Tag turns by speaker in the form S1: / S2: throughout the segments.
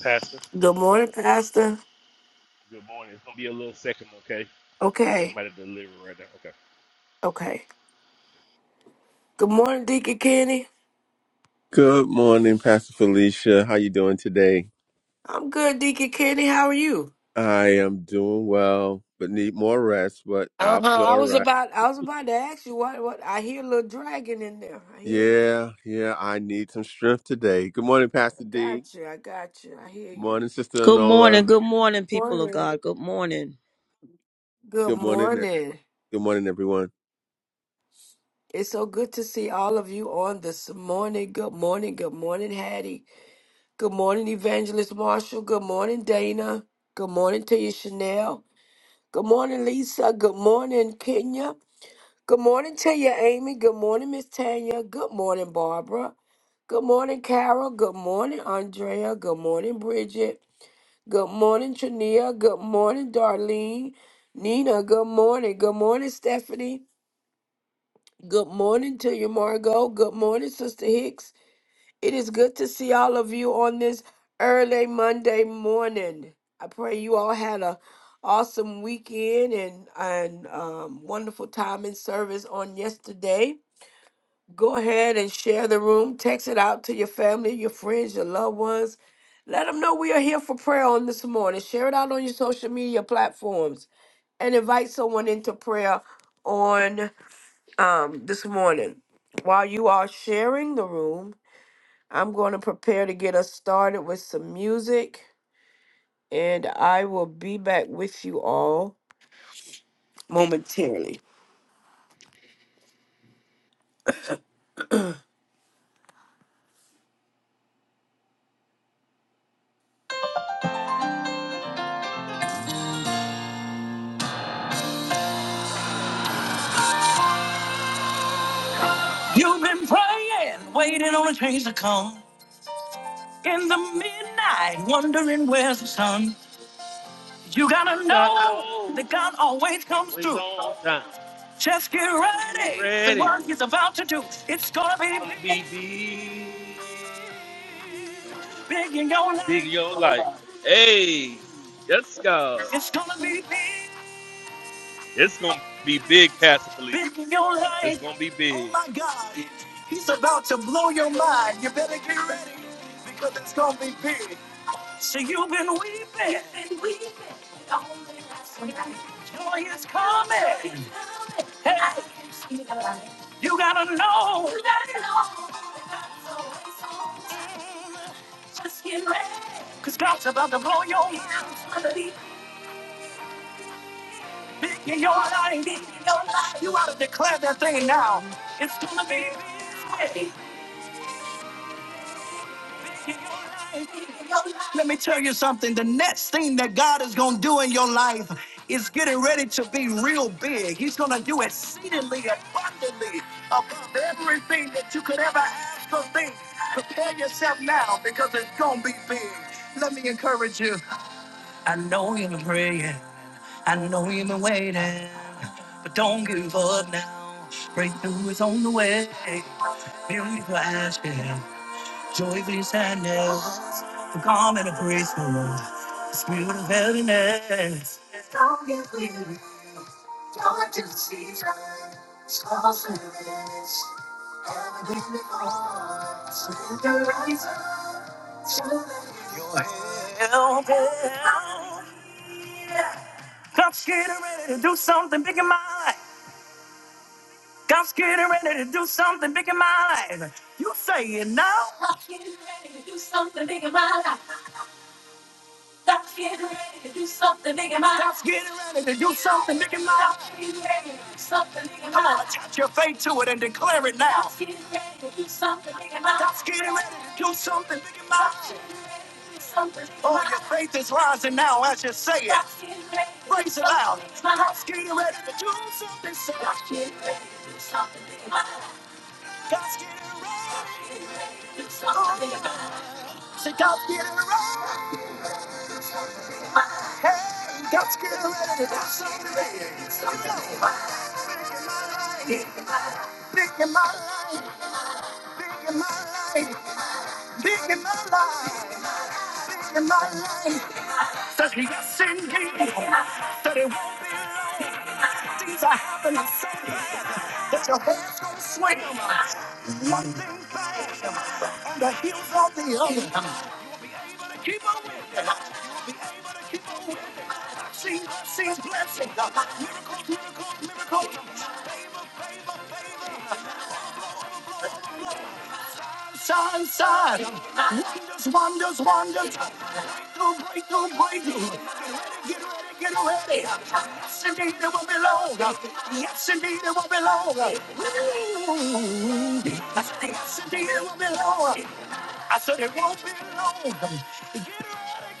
S1: Pastor,
S2: Good morning, Pastor.
S1: good morning. It's gonna be a little second, okay?
S2: Okay,
S1: I'm at a delivery right now. Okay.
S2: okay. Good morning, Deacon Kenny.
S3: Good morning, Pastor Felicia. How you doing today?
S2: I'm good, Deacon Kenny. How are you?
S3: I am doing well, but need more rest, but
S2: Uh
S3: I'll be
S2: huh. I
S3: all
S2: was
S3: right.
S2: about, I was about to ask you what, what. I hear a little dragon in there. I hear it.
S3: Yeah, yeah, I need some strength today. Good morning, Pastor
S2: I
S3: D.
S2: got you. I got you. I hear you.
S3: Morning, Sister
S4: Good morning,
S3: Anola.
S4: good morning,
S2: Good
S4: people of
S2: morning.
S4: God. Good morning.
S2: Good
S3: Good morning. e-
S2: morning.
S3: Good morning, everyone.
S2: It's so good to see all of you on this morning. Good morning. Good morning, Hattie. Good morning, Evangelist Marshall. Good morning, Dana. Good morning to you, Chanel. Good morning, Lisa. Good morning, Kenya. Good morning to you, Amy. Good morning, Miss Tanya. Good morning, Barbara. Good morning, Carol. Good morning, Andrea. Good morning, Bridget. Good morning, Trania. Good morning, Darlene. Nina, good morning. Good morning, Stephanie. Good morning to you, Margot. Good morning, Sister Hicks. It is good to see all of you on this early Monday morning. I pray you all had a awesome weekend and and um, wonderful time in service on yesterday. Go ahead and share the room. Text it out to your family, your friends, your loved ones. Let them know we are here for prayer on this morning. Share it out on your social media platforms and invite someone into prayer on um, this morning. While you are sharing the room, I'm going to prepare to get us started with some music, and I will be back with you all momentarily. You've been praying, waiting on a change to come. in the midnight, wondering where's the sun. You
S1: You
S2: gotta
S1: got it
S2: know
S1: all.
S2: that God always comes
S1: Always
S2: through.
S1: on time.
S2: Just get
S1: Just be
S2: ready for
S1: ready.
S2: what He's about to do. It's gonna
S1: It's
S2: be
S1: gonna
S2: big,
S1: be big.
S2: big in your
S1: Big in
S2: life.
S1: your life. Hey, yes, God.
S2: It's gonna be big,
S1: It's gonna be big, Pastor Felicia.
S2: big in your
S1: It's gonna be
S2: life. Oh
S1: big.
S2: my God, He's about to blow your mind. You better get ready because it's gonna be big. So you've been weeping. Joy is coming. Hey, you gotta know. Cause God's about to blow your mind in your life. You gotta declare that thing now. It's gonna be this way. Let me tell you something. The next thing that God is going to do in your life is getting ready to be real big. He's going to do exceedingly abundantly above everything that you could ever ask or think. Prepare yourself now because it's going to be big. Let me encourage you. I know you've been praying. I know you've been waiting. But don't give up now. Breakthrough is on the way. Miracle asking. Joy brings sadness, the calm and the graceful, the spirit of heaviness. Don't get weary, don't just cease It's all service, everything before. Surrender right up to the help. God's getting ready to do something big in my life. God's getting ready to do something big in my life. You say it now. Just getting ready to do something big in getting ready to do something big in getting ready to do something big Come on, life. attach your faith to it and declare it now. Just getting ready to do something big in getting ready to do something big Oh, your faith is rising now as you say it. Just Praise it loud. something big getting ready to do something. so- getting ready to do something big in my life. getting ready. Say, getting ready. Hey, God's get ready to dance do something. Big in my life, big in my life, big in my life, big my life. Says yes indeed, it won't be long things I happen that your hands gonna swing on the heels of the other. Keep on winning, keep on winning. Sing, sing, blessing. Look on the sun side. There's wonders, wonders, breakthrough, breakthrough, breakthrough. Get ready, get ready. Yes, indeed, it won't be long. Yes, indeed, it won't be long. Ooh. Yes, indeed, it won't be long. I said it won't be long. Get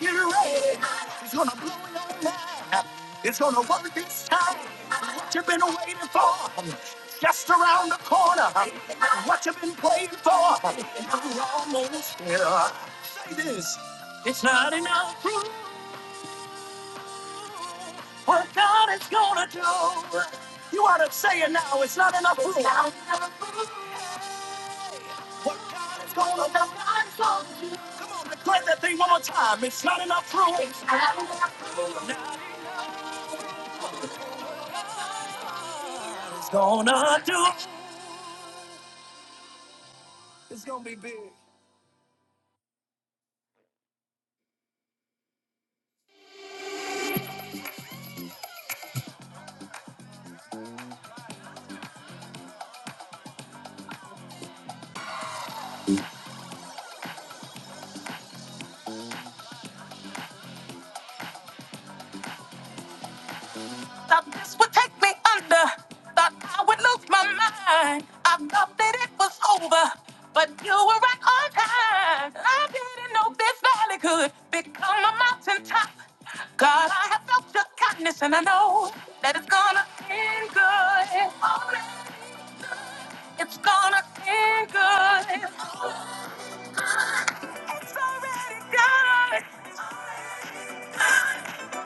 S2: ready, get ready. It's gonna blow your mind. It's gonna work this time. What you've been waiting for. Just around the corner. What you've been waiting for. You're almost here. Say this. It's not enough. proof. What God is gonna do. You ought to say it now. It's not enough room. What God is gonna do. Declare that thing one more time. It's not enough room. Now it's gonna do. It's gonna be big. over. But you were right on time. I didn't know this valley could become a mountaintop. God, I have felt your kindness and I know that it's gonna end good. Only it's gonna end good. It's already done.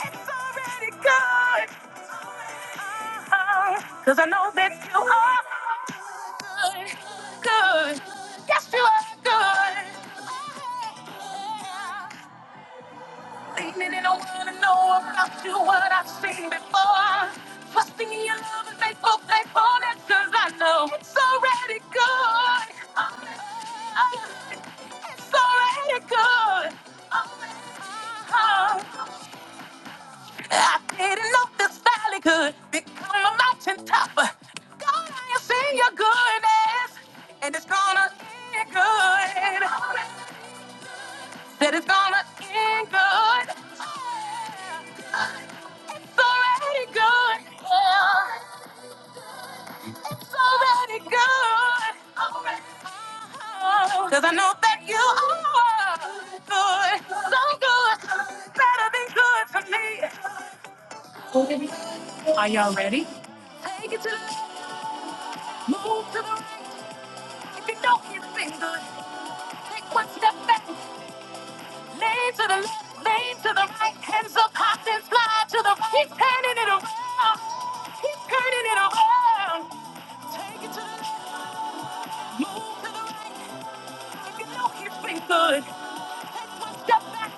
S2: It's already good. Cause I know that you are good. Good. Yes, you are good. Leaning in, I wanna know about you, what I've seen before. Trusting in your love and faithful, faithfulness, cause I know it's already good. It's already good. I didn't know this valley could become a mountain top. God, I have seen your goodness, and it's gonna end good. Said it's gonna end good. It's already good. Yeah, it's already good. Oh, Cause I know that you are good, so good, better than good for me. Are y'all ready? Take it to the moon. to the If you know he's been good, take one step back. Lane to the left, lane to the right. Hands up, hop and fly to the right. Keep turning it around. Keep turning it around. Take it to the left, move to the right. If you know he's been good, take one step back.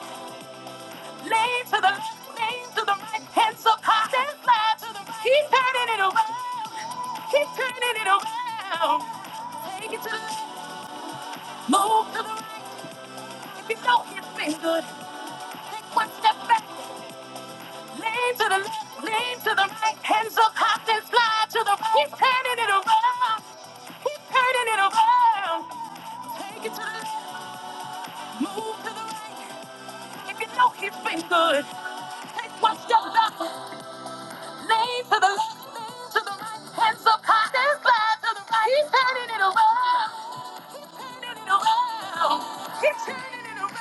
S2: Lane to the left, lane to the right. Hands up, hop and fly to the right. Keep turning it around. Keep turning it around. Take it to the left, move to the right. If you know he's been good. One step back, lean to the left, lean to the right. Hands up, hop and fly to the right. He's turning it around. He's turning it around. Take it to the left, move to the right. If you know he's been good, take one step back, lean to the left, lean to the right. Hands up, hop and fly to the right. He's turning it around. Turning it around. He's turning it around.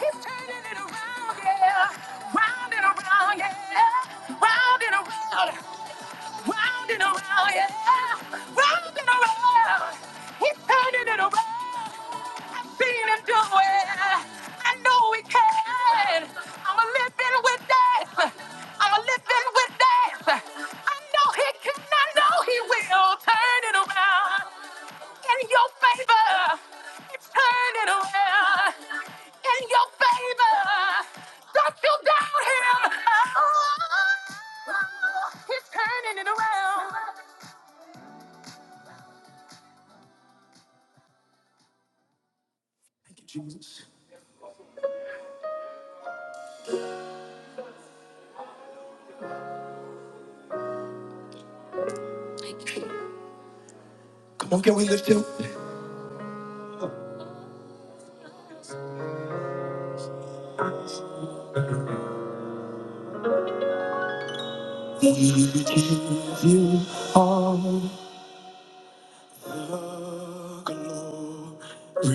S2: He's turning it around, yeah. Round and around, yeah. Round and around. Round and around, yeah. Round and around. He's turning it around. I've seen him do it. I know he can. I'm a living with this. I'm a living with this. I know he can. I know he will turn it around in your favor. It's turning around in your favor. Don't you doubt him. Oh, he's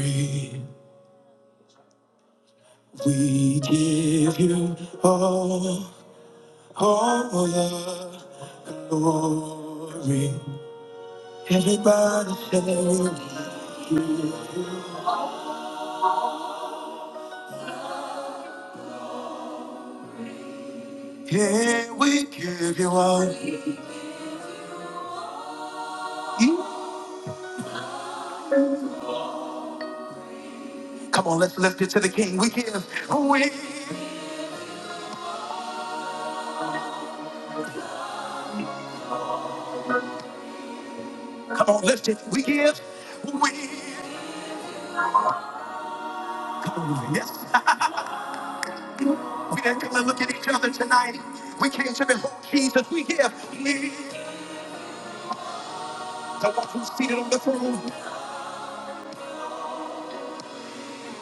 S2: turning. We give you all the glory. Everybody say, yeah, we give you all. the glory." Oh, listen, we, yes, we did going to look at each other tonight. We came to behold Jesus. We give, we, the one who's seated on the throne.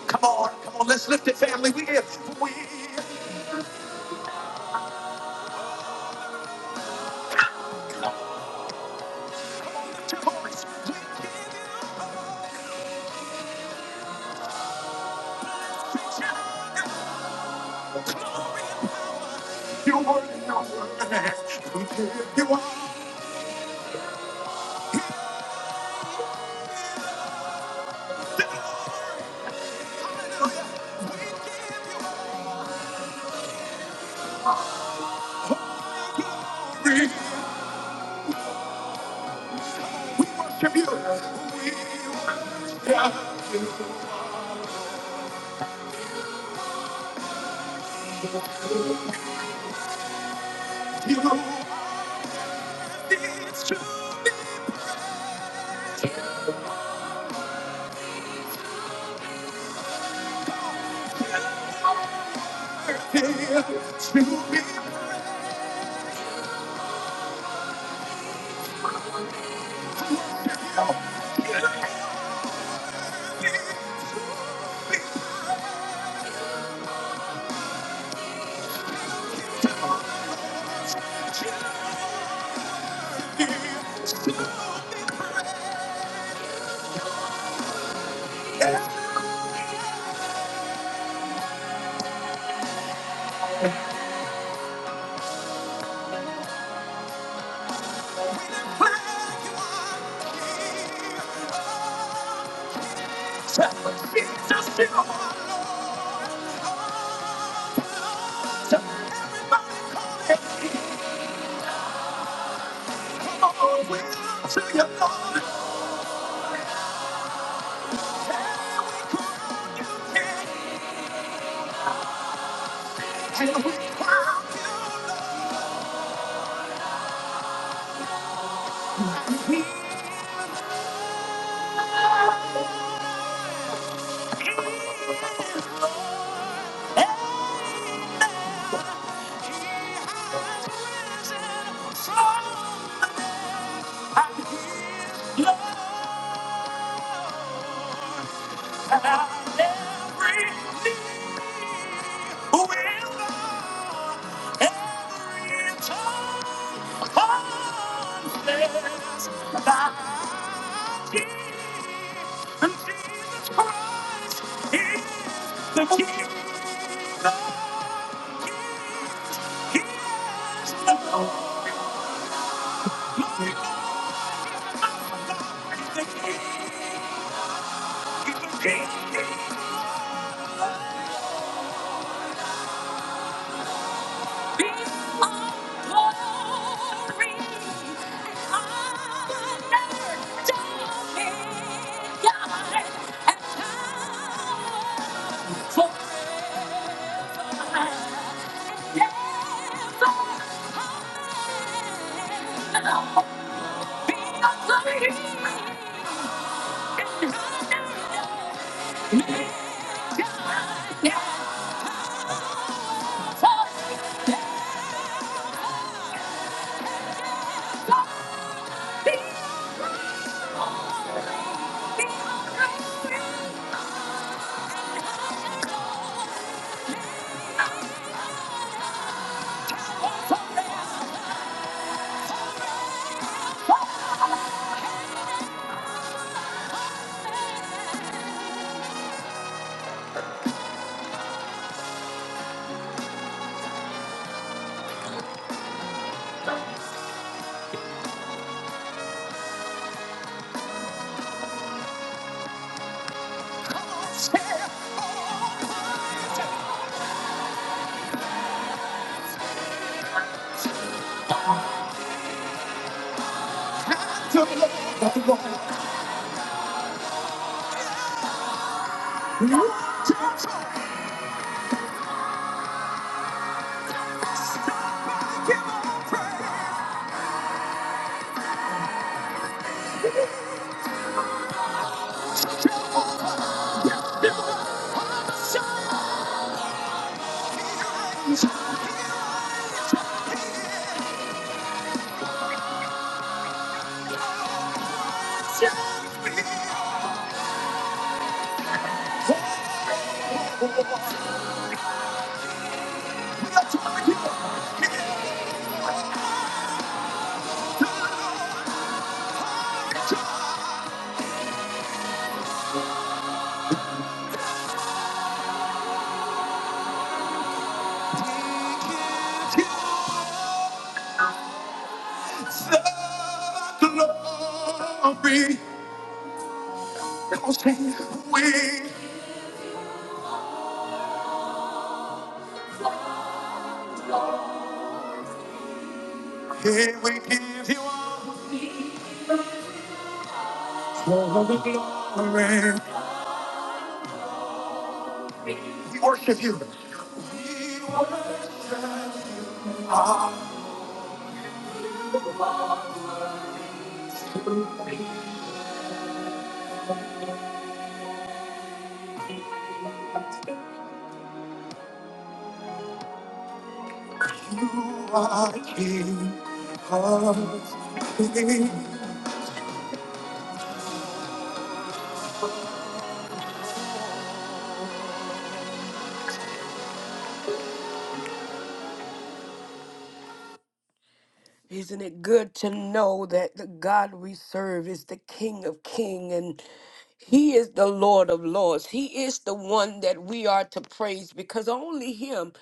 S2: Come on, come on, let's lift it, family. We give, we, to Christ. We give you all the glory. You were no one. We give you all glory. We worship you. We worship you. You are this to be praised, to be praised. Jesus, you are your King. And He has risen from the Jesus Christ is the King of Kings. He is the the the King King. of of kings. He Lord Thank you. The glory. Cause we, here we give you glory. We worship you. We worship you You are King of Isn't it good to know that the God we serve is the King of King and he is the Lord of Lords. He is the one that we are to praise because only him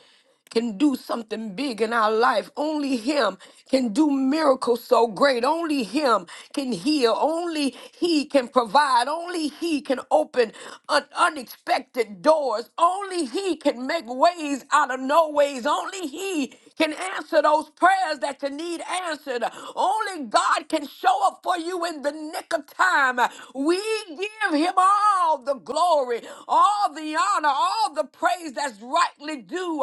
S2: can do something big in our life. Only Him can do miracles so great. Only Him can heal. Only He can provide. Only He can open un- unexpected doors. Only He can make ways out of no ways. Only He can answer those prayers that you need answered. Only God can show up for you in the nick of time. We give him all the glory, all the honor, all the praise that's rightly due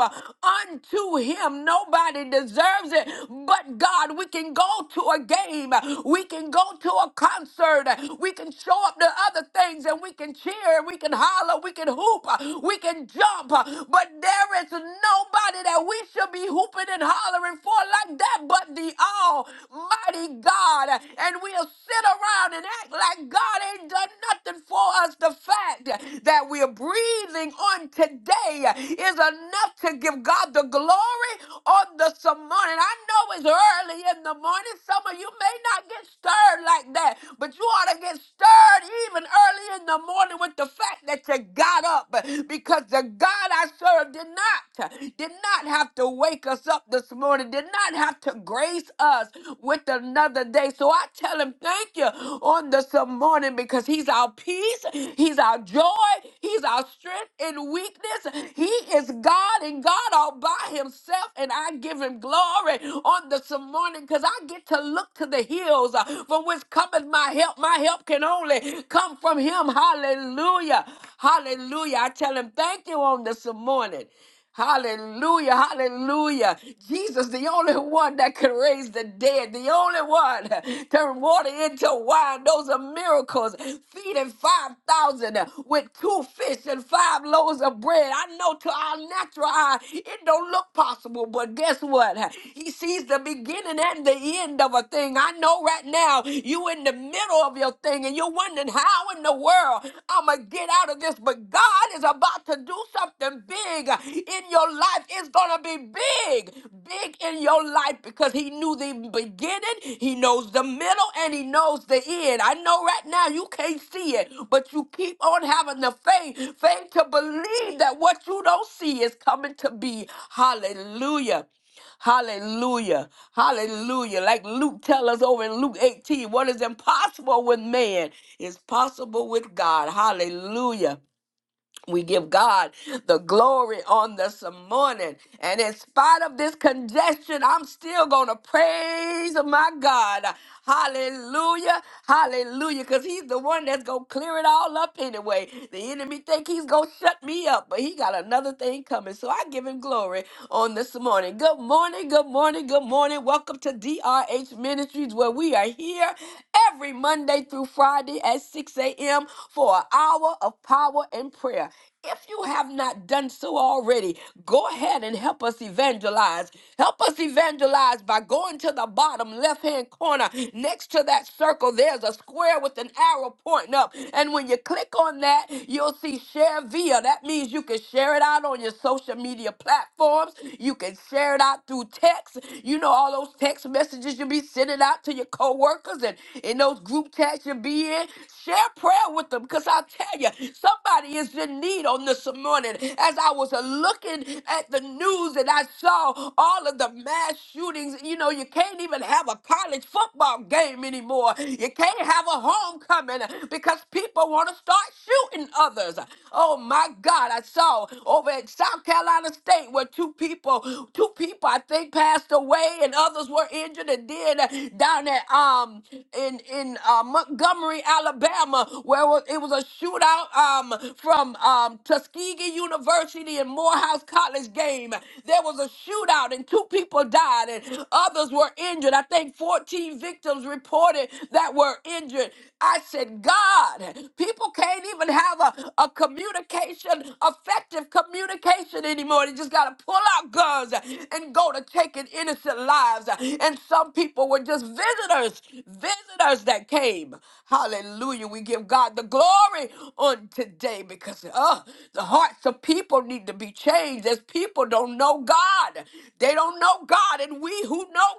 S2: unto him. Nobody deserves it but God. We can go to a game, we can go to a concert, we can show up to other things and we can cheer, we can holler, we can hoop, we can jump. But there is nobody that we should be hooping and hollering for like that but the Almighty God. And we'll sit around and act like God ain't done nothing for us. The fact that we're breathing on today is enough to give God the glory on this morning. I know it's early in the morning. Some of you may not get stirred like that, but you ought to get stirred even early in the morning with the fact that you got up because the God I serve did not did not have to wake us up this morning, did not have to grace us with another day. So I tell him thank you on this morning because he's our peace, he's our joy, he's our strength in weakness. He is God and God all by himself and I give him glory on this morning because I get to look to the hills uh, from which cometh my help. My my help can only come from him. Hallelujah. Hallelujah. I tell him thank you on this morning. Hallelujah, hallelujah. Jesus, the only one that can raise the dead, the only one turn water into wine. Those are miracles. Feeding 5,000 with two fish and five loaves of bread. I know to our natural eye, it don't look possible, but guess what? He sees the beginning and the end of of a thing. I know right now you in the middle of your thing and you're wondering how in the world I'ma get out of this. But God is about to do something big in your life. It's gonna be big, big in your life because he knew the beginning, he knows the middle, and he knows the end. I know right now you can't see it, but you keep on having the faith, faith to believe that what you don't see is coming to be. Hallelujah. Hallelujah. Hallelujah. Like Luke tells us over in Luke 18, what is impossible with man is possible with God. Hallelujah. We give God the glory on this morning. And in spite of this congestion, I'm still going to praise my God. Hallelujah. Hallelujah. Because he's the one that's going to clear it all up anyway. The enemy think he's going to shut me up, but he got another thing coming. So I give him glory on this morning. Good morning. Good morning. Good morning. Welcome to DRH Ministries where we are here every Monday through Friday at 6 a.m. for an hour of power and prayer. If you have not done so already, go ahead and help us evangelize. Help us evangelize by going to the bottom left hand corner. Next to that circle, there's a square with an arrow pointing up. And when you click on that, you'll see share via. That means you can share it out on your social media platforms. You can share it out through text. You know, all those text messages you'll be sending out to your coworkers and in those group chats you'll be in. Share prayer with them because I tell you, somebody is in need on this morning. As I was uh, looking at the news and I saw all of the mass shootings, you know, you can't even have a college football game anymore. You can't have a homecoming uh, because people want to start shooting others. Oh my God, I saw over at South Carolina State where two people, two people I think passed away and others were injured and then uh, down at um in in uh, Montgomery, Montgomery, Alabama, where it was it was a shootout um, from um, Tuskegee University and Morehouse College game. There was a shootout and two people died and others were injured. I think 14 victims reported that were injured. I said, God, people can't even have a, a communication, effective communication anymore. They just got to pull out guns and go to taking innocent lives. And some people were just visitors, visitors that came. Hallelujah. We give God the glory on today because uh, the hearts of people need to be changed as people don't know God. They don't know God, and we who know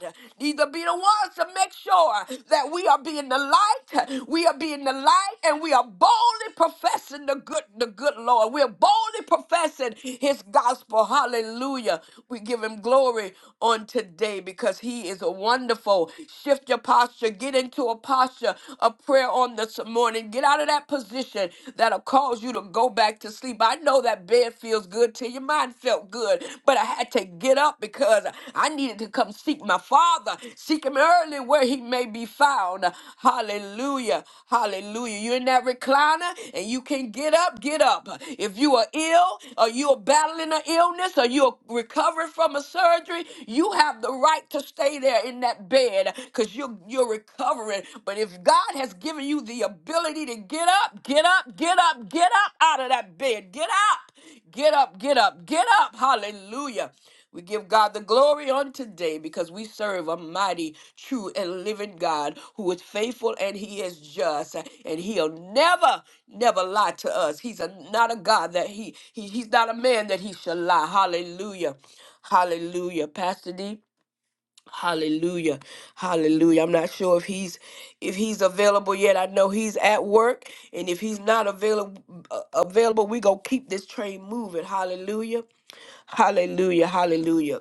S2: God need to be the ones to make sure that we are being the light. We are being the light, and we are boldly professing the good, the good Lord. We're boldly professing His gospel. Hallelujah. We give Him glory on today because He is a wonderful shift your posture. Get into a posture of prayer on this morning. Get out of that position that'll cause you to go back to sleep. I know that bed feels good till your mind felt good, but I had to get up because I needed to come seek my Father. Seek Him early where He may be found. Hallelujah. Hallelujah. You're in that recliner and you can get up, get up. If you are ill or you're battling an illness or you're recovering from a surgery, you have the right to stay there there in that bed because you're, you're recovering. But if God has given you the ability to get up, get up, get up, get up out of that bed, get up, get up, get up, get up. Hallelujah. We give God the glory on today because we serve a mighty, true, and living God who is faithful and he is just. And he'll never, never lie to us. He's a, not a God that he, he, he's not a man that he shall lie. Hallelujah. Hallelujah. Pastor D. Hallelujah. Hallelujah. I'm not sure if he's if he's available yet. I know he's at work and if he's not available available, we going to keep this train moving. Hallelujah. Hallelujah. Hallelujah.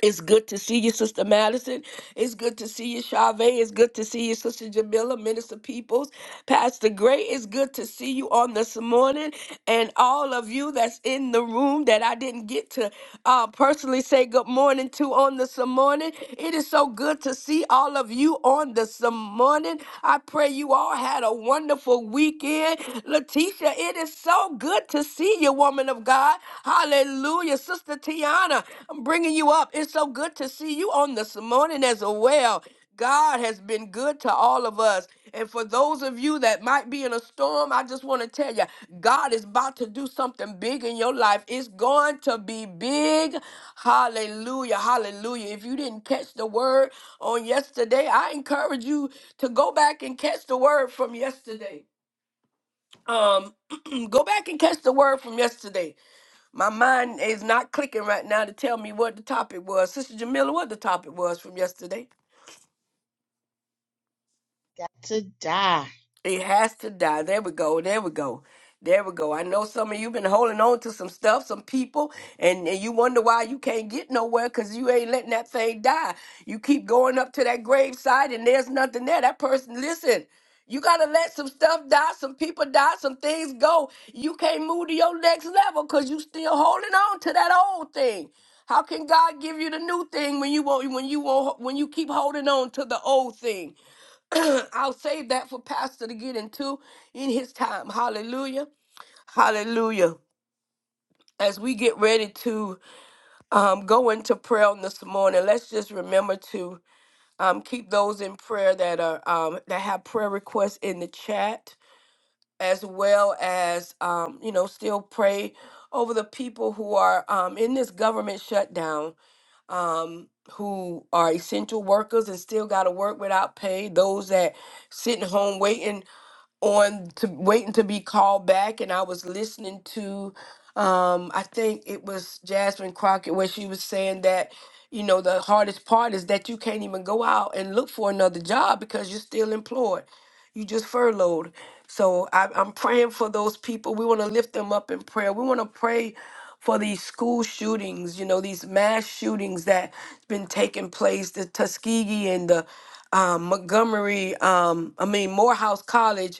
S2: It's good to see you, Sister Madison. It's good to see you, Chavez. It's good to see you, Sister Jamila, Minister Peoples, Pastor Gray. It's good to see you on this morning, and all of you that's in the room that I didn't get to uh, personally say good morning to on this morning. It is so good to see all of you on this morning. I pray you all had a wonderful weekend, Letitia. It is so good to see you, woman of of God. Hallelujah. Sister Tiana, I'm bringing you up. It's so good to see you on this morning as well. God has been good to all of us. And for those of you that might be in a storm, I just want to tell you, God is about to do something big in your life. It's going to be big. Hallelujah. Hallelujah. If you didn't catch the word on yesterday, I encourage you to go back and catch the word from yesterday. Um, go back and catch the word from yesterday my mind is not clicking right now to tell me what the topic was. Sister Jamila, what the topic was from yesterday?
S5: Got to die.
S2: It has to die. There we go. There we go. There we go. I know some of you been holding on to some stuff, some people, and, and you wonder why you can't get nowhere because you ain't letting that thing die. You keep going up to that graveside and there's nothing there. That person, listen, you got to let some stuff die, some people die, some things go. You can't move to your next level because you still holding on to that old thing. How can God give you the new thing when you won't, when you won't, when you keep holding on to the old thing? I'll save that for Pastor to get into in his time. Hallelujah. Hallelujah. As we get ready to um, go into prayer on this morning, let's just remember to um, keep those in prayer that are um, that have prayer requests in the chat, as well as um, you know still pray over the people who are um, in this government shutdown, um, who are essential workers and still got to work without pay. Those that sitting home waiting on to waiting to be called back and I was listening to um I think it was Jasmine Crockett where she was saying that you know the hardest part is that you can't even go out and look for another job because you're still employed. You just furloughed. So I, I'm praying for those people. We want to lift them up in prayer. We want to pray for these school shootings, you know, these mass shootings that been taking place, the Tuskegee and the um, Montgomery, um, I mean Morehouse College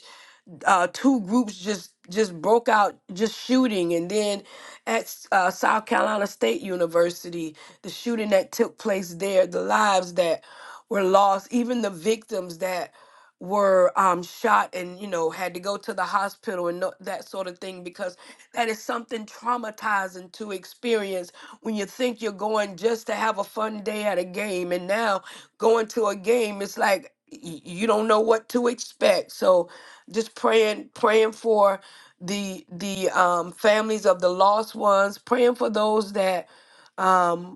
S2: uh, two groups just just broke out just shooting and then at S- uh, south carolina state university the shooting that took place there the lives that were lost even the victims that were um, shot and you know had to go to the hospital and no, that sort of thing because that is something traumatizing to experience when you think you're going just to have a fun day at a game and now going to a game it's like y- you don't know what to expect so just praying praying for the the um, families of the lost ones praying for those that um,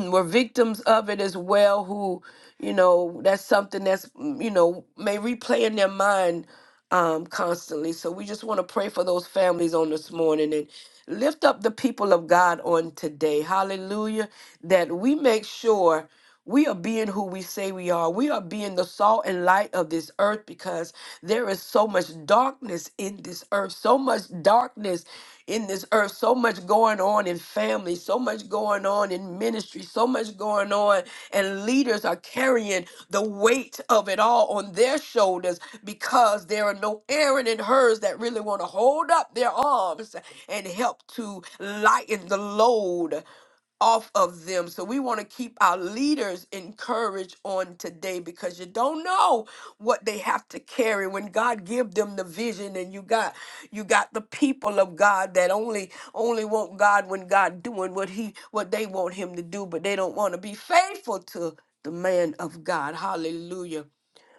S2: were victims of it as well who you know that's something that's mm, you know may replay in their mind um constantly so we just want to pray for those families on this morning and lift up the people of god on today hallelujah that we make sure we are being who we say we are. We are being the salt and light of this earth because there is so much darkness in this earth, so much darkness in this earth, so much going on in family, so much going on in ministry, so much going on, and leaders are carrying the weight of it all on their shoulders because there are no Aaron and hers that really want to hold up their arms and help to lighten the load off of them. So we want to keep our leaders encouraged on today because you don't know what they have to carry when God give them the vision and you got you got the people of God that only only want God when God doing what he what they want him to do, but they don't want to be faithful to the man of God. Hallelujah.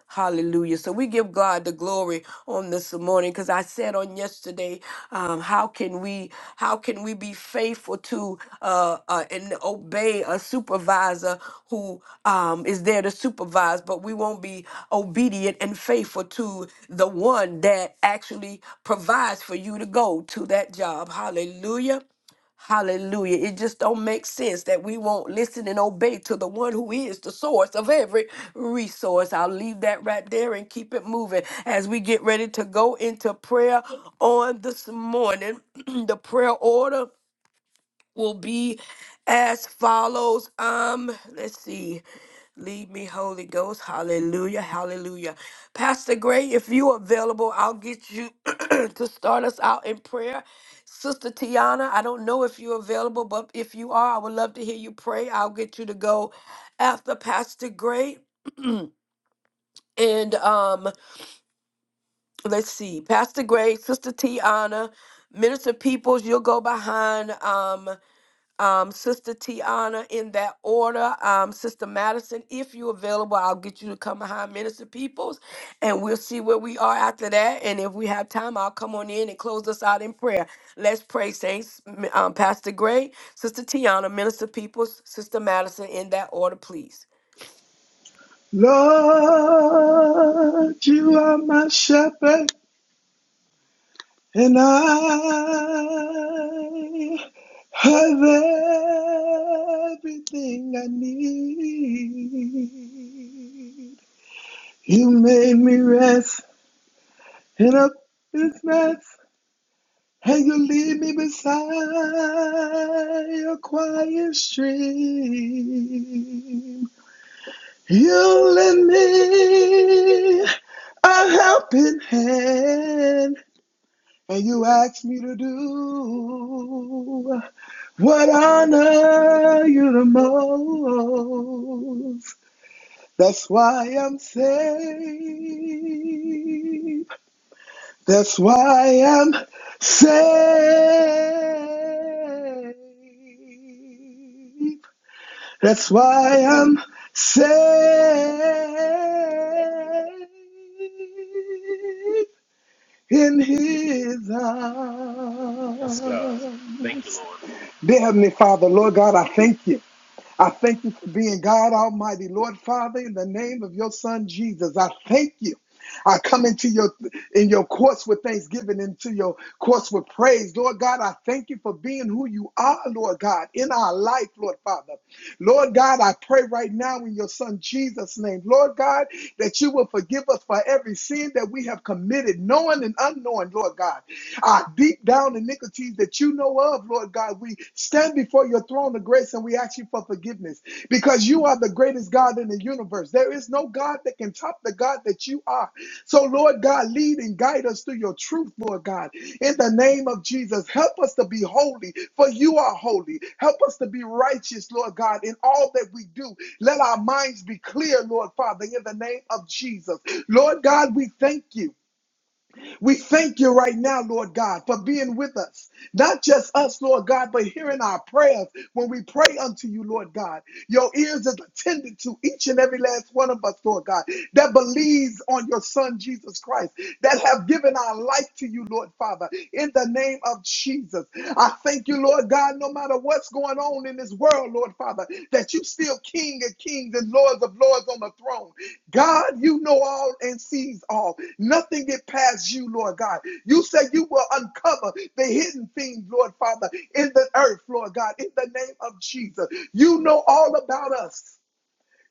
S2: Hallelujah. So we give God the glory on this morning because I said on yesterday, um, how can we how can we be faithful to uh, uh, and obey a supervisor who um, is there to supervise, but we won't be obedient and faithful to the one that actually provides for you to go to that job. Hallelujah. Hallelujah. It just don't make sense that we won't listen and obey to the one who is the source of every resource. I'll leave that right there and keep it moving as we get ready to go into prayer on this morning. the prayer order will be as follows. Um, let's see. Lead me, Holy Ghost. Hallelujah. Hallelujah. Pastor Gray, if you are available, I'll get you to start us out in prayer. Sister Tiana, I don't know if you're available, but if you are, I would love to hear you pray. I'll get you to go after Pastor Gray. And um, let's see, Pastor Gray, Sister Tiana, Minister Peoples, you'll go behind. Um, um, Sister Tiana in that order. Um, Sister Madison, if you're available, I'll get you to come behind Minister Peoples and we'll see where we are after that. And if we have time, I'll come on in and close us out in prayer. Let's pray, Saints. M- Um, Pastor Gray, Sister Tiana, Minister Peoples, Sister Madison in that order, please.
S6: Lord, you are my shepherd, and I have everything I need. You made me rest in a business, and you lead me beside your quiet stream. You lend me a helping hand, and you ask me to do what honor you the most. That's why I'm saved. That's why I'm saved. That's why I'm safe in his
S1: Yes, God. Thank you,
S6: arms.
S1: Lord.
S6: Dear Heavenly Father, Lord God, I thank you. I thank you for being God Almighty, Lord Father, in the name of your Son Jesus. I thank you. I come into your in your courts with thanksgiving, into your courts with praise. Lord God, I thank you for being who you are, Lord God, in our life, Lord Father. Lord God, I pray right now in your son Jesus' name, Lord God, that you will forgive us for every sin that we have committed, knowing and unknowing, Lord God uh, deep down iniquities that you know of, Lord God. We stand before your throne of grace and we ask you for forgiveness because you are the greatest God in the universe. There is no God that can top the God that you are. So, Lord God, lead and guide us through your truth, Lord God. In the name of Jesus, help us to be holy, for you are holy. Help us to be righteous, Lord God, in all that we do. Let our minds be clear, Lord Father, in the name of Jesus. Lord God, we thank you. We thank you right now, Lord God, for being with us. Not just us, Lord God, but hearing our prayers when we pray unto you, Lord God. Your ears is attended to each and every last one of us, Lord God, that believes on your Son, Jesus Christ, that have given our life to you, Lord Father, in the name of Jesus. I thank you, Lord God, no matter what's going on in this world, Lord Father, that you still King of kings and Lords of lords on the throne God, you know all and sees all. Nothing get past you, Lord God. You say you will uncover the hidden things, Lord Father, in the earth, Lord God, in the name of Jesus. You know all about us.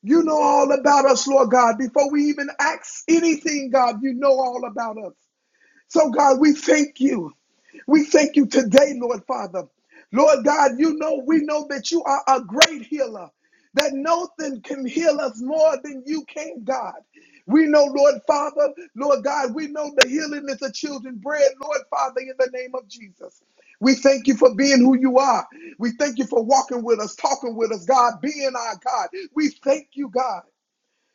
S6: You know all about us, Lord God. Before we even ask anything, God, you know all about us. So, God, we thank you. We thank you today, Lord Father. Lord God, you know, we know that you are a great healer, that nothing can heal us more than you can, God. We know, Lord Father, Lord God, we know the healing is the children's bread, Lord Father, in the name of Jesus. We thank you for being who you are. We thank you for walking with us, talking with us, God, being our God. We thank you, God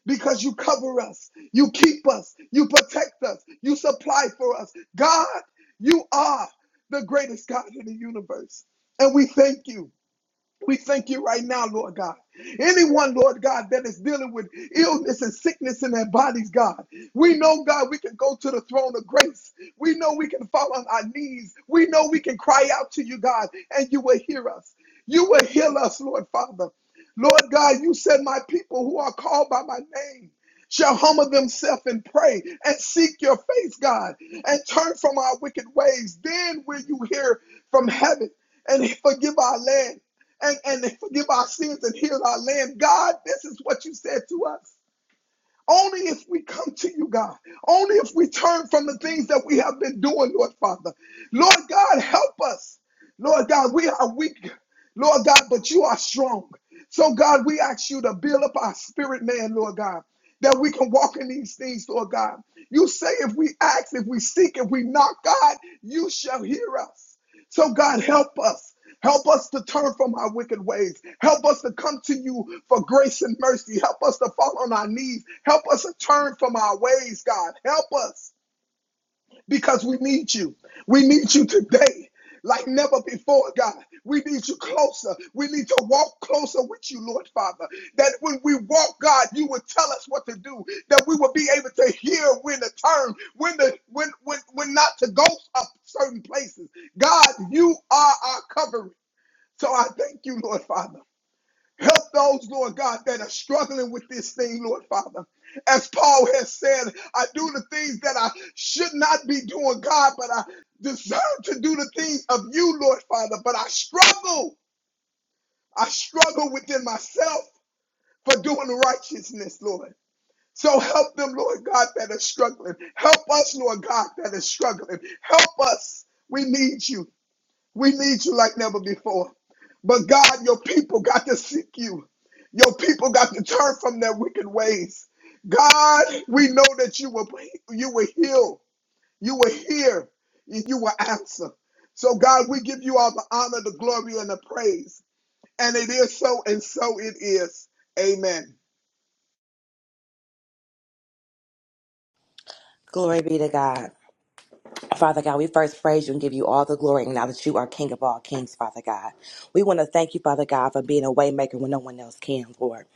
S6: because you cover us, you keep us, you protect us, you supply for us. God, you are the greatest God in the universe. And we thank you. We thank you right now, Lord God. Anyone, Lord God, that is dealing with illness and sickness in their bodies, God, we know, God, we can go to the throne of grace. We know we can fall on our knees. We know we can cry out to you, God, and you will hear us. You will heal us, Lord Father. Lord God, you said, My people who are called by my name shall humble themselves and pray and seek your face, God, and turn from our wicked ways. Then will you hear from heaven and forgive our land and, and forgive our sins and heal our land. God, this is what you said to us. Only if we come to you, God. Only if we turn from the things that we have been doing, Lord Father. Lord God, help us. Lord God, we are weak, Lord God, but you are strong. So, God, we ask you to build up our spirit, man, Lord God, that we can walk in these things, Lord God. You say if we ask, if we seek, if we knock, God, you shall hear us. So, God, help us. Help us to turn from our wicked ways. Help us to come to you for grace and mercy. Help us to fall on our knees. Help us to turn from our ways, God. Help us because we need you. We need you today like never before, God. We need you closer. We need to walk closer with you, Lord Father. That when we walk, God, you will tell us what to do. That we will be able to hear when to turn, when to when when when not to go up certain places. God, you are our covering. So I thank you, Lord Father. Help those, Lord God, that are struggling with this thing, Lord Father. As Paul has said, I do the things that I should not be doing, God, but I deserve to do the things of you, Lord Father. But I struggle. I struggle within myself for doing righteousness, Lord. So help them, Lord God, that are struggling. Help us, Lord God, that are struggling. Help us. We need you. We need you like never before. But God, your people got to seek you. Your people got to turn from their wicked ways. God, we know that you will you will heal, you will hear, and you will answer. So God, we give you all the honor, the glory, and the praise. And it is so, and so it is. Amen.
S7: Glory be to God. Father God, we first praise you and give you all the glory and now that you are King of all kings, Father God. We want to thank you, Father God, for being a waymaker when no one else can, Lord.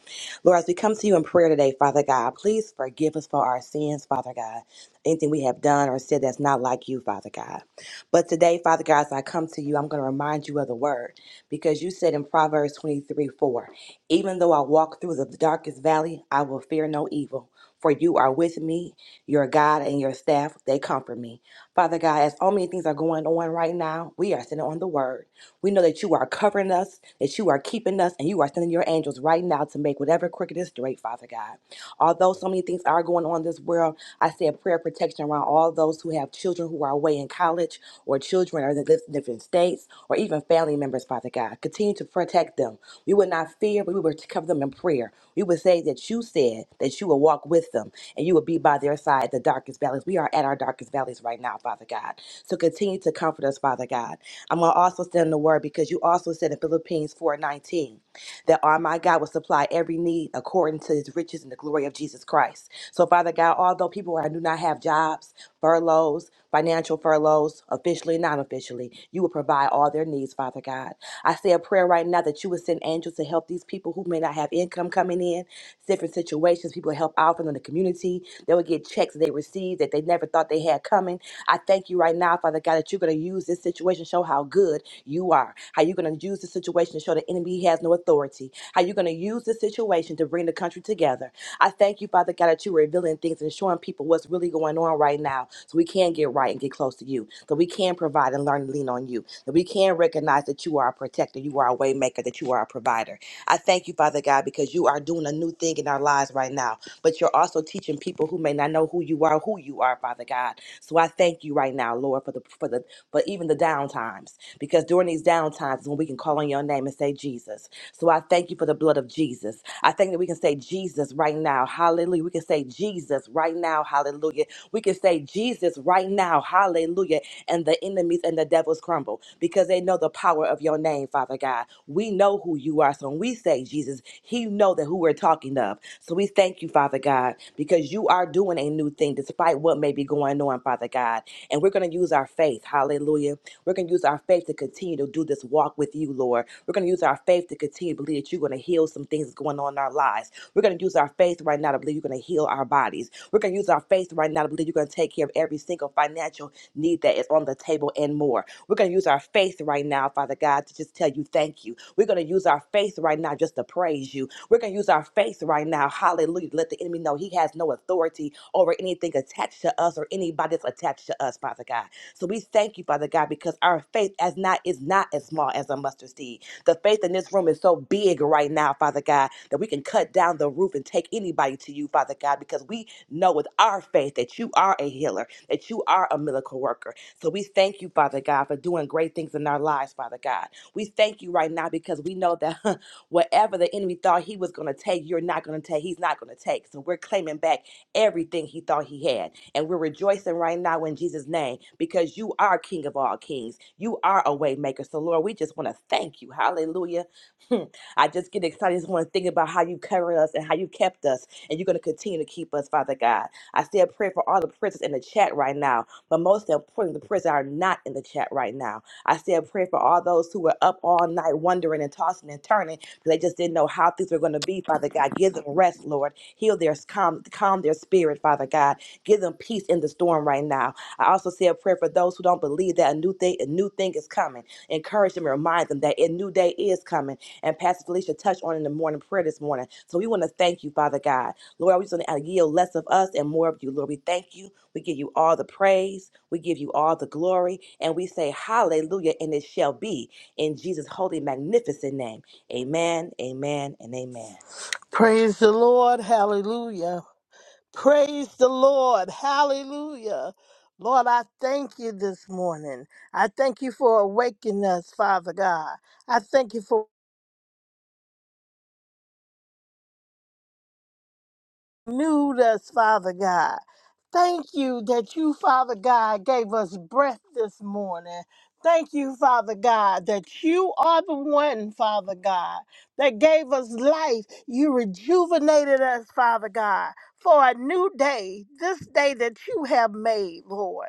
S7: Lord, as we come to you in prayer today, Father God, please forgive us for our sins, Father God. Anything we have done or said that's not like you, Father God. But today, Father God, as I come to you, I'm going to remind you of the word because you said in Proverbs 23 4, even though I walk through the darkest valley, I will fear no evil. For you are with me, your God and your staff, they comfort me. Father God, as all many things are going on right now, we are standing on the word. We know that you are covering us, that you are keeping us, and you are sending your angels right now to make whatever crooked is straight, Father God. Although so many things are going on in this world, I say a prayer of protection around all those who have children who are away in college or children are in dif- different states or even family members, Father God. Continue to protect them. We would not fear, but we would cover them in prayer. We would say that you said that you will walk with them and you will be by their side, the darkest valleys. We are at our darkest valleys right now, Father God. So continue to comfort us, Father God. I'm going to also stand in the word because you also said in Philippines 4.19 that our my God will supply every need according to his riches and the glory of Jesus Christ. So, Father God, although people are, do not have jobs, furloughs, financial furloughs, officially, non officially, you will provide all their needs, Father God. I say a prayer right now that you would send angels to help these people who may not have income income coming in, different situations. People help out from the community. They will get checks that they receive that they never thought they had coming. I thank you right now, Father God, that you're going to use this situation to show how good you are, how you're going to use this situation to show the enemy has no authority, how you're going to use this situation to bring the country together. I thank you, Father God, that you're revealing things and showing people what's really going on right now so we can get right and get close to you, so we can provide and learn to lean on you, that we can recognize that you are a protector, you are a waymaker, that you are a provider. I thank you, Father God, because you are doing a new thing in our lives right now. But you're also teaching people who may not know who you are, who you are, Father God. So I thank you right now, Lord, for the for the for even the down times, because during these down times is when we can call on your name and say Jesus. So I thank you for the blood of Jesus. I think that we can say Jesus right now, Hallelujah. We can say Jesus right now, Hallelujah. We can say Jesus right now, Hallelujah and the enemies and the devils crumble because they know the power of your name, Father God. We know who you are. So when we say Jesus, He know that who we're talking of. So we thank you, Father God, because you are doing a new thing despite what may be going on, Father God. And we're going to use our faith. Hallelujah. We're going to use our faith to continue to do this walk with you, Lord. We're going to use our faith to continue to believe that you're going to heal some things that's going on in our lives. We're going to use our faith right now to believe you're going to heal our bodies. We're going to use our faith right now to believe you're going to take care of every single financial need that is on the table and more. We're going to use our faith right now, Father God, to just tell you thank you. We're going to use our faith right now just to praise you. We're going to use our faith right now, hallelujah, to let the enemy know he has no authority over anything attached to us or anybody that's attached to us, Father God. So we thank you, Father God, because our faith as not is not as small as a mustard seed. The faith in this room is so big right now, Father God, that we can cut down the roof and take anybody to you, Father God, because we know with our faith that you are a healer that you are a miracle worker. So we thank you, Father God, for doing great things in our lives, Father God. We thank you right now because we know that whatever the enemy thought he was going to take, you're not going to take. He's not going to take. So we're claiming back everything he thought he had. And we're rejoicing right now in Jesus' name because you are King of all kings. You are a way maker. So, Lord, we just want to thank you. Hallelujah. Hmm. I just get excited. I just want to think about how you covered us and how you kept us. And you're going to continue to keep us, Father God. I say a prayer for all the prisoners in the chat right now, but most importantly, the prisoners that are not in the chat right now. I say a prayer for all those who were up all night wondering and tossing and turning because they just didn't know how things were going to be, Father God. Give them rest, Lord. Heal their calm, calm their spirit, Father God. Give them peace in the storm right now. I also say a prayer for those who don't believe that a new thing, a new thing is coming. Encourage them and remind them that a new day is coming. And Pastor Felicia touched on in the morning prayer this morning. So we want to thank you, Father God. Lord, we're just going to yield less of us and more of you. Lord, we thank you. We give you all the praise. We give you all the glory. And we say hallelujah, and it shall be in Jesus' holy, magnificent name. Amen, amen, and amen.
S8: Praise the Lord. Hallelujah. Praise the Lord. Hallelujah. Lord, I thank you this morning. I thank you for awakening us, Father God. I thank you for renewed us, Father God. Thank you that you, Father God, gave us breath this morning. Thank you, Father God, that you are the one, Father God, that gave us life. You rejuvenated us, Father God, for a new day, this day that you have made, Lord.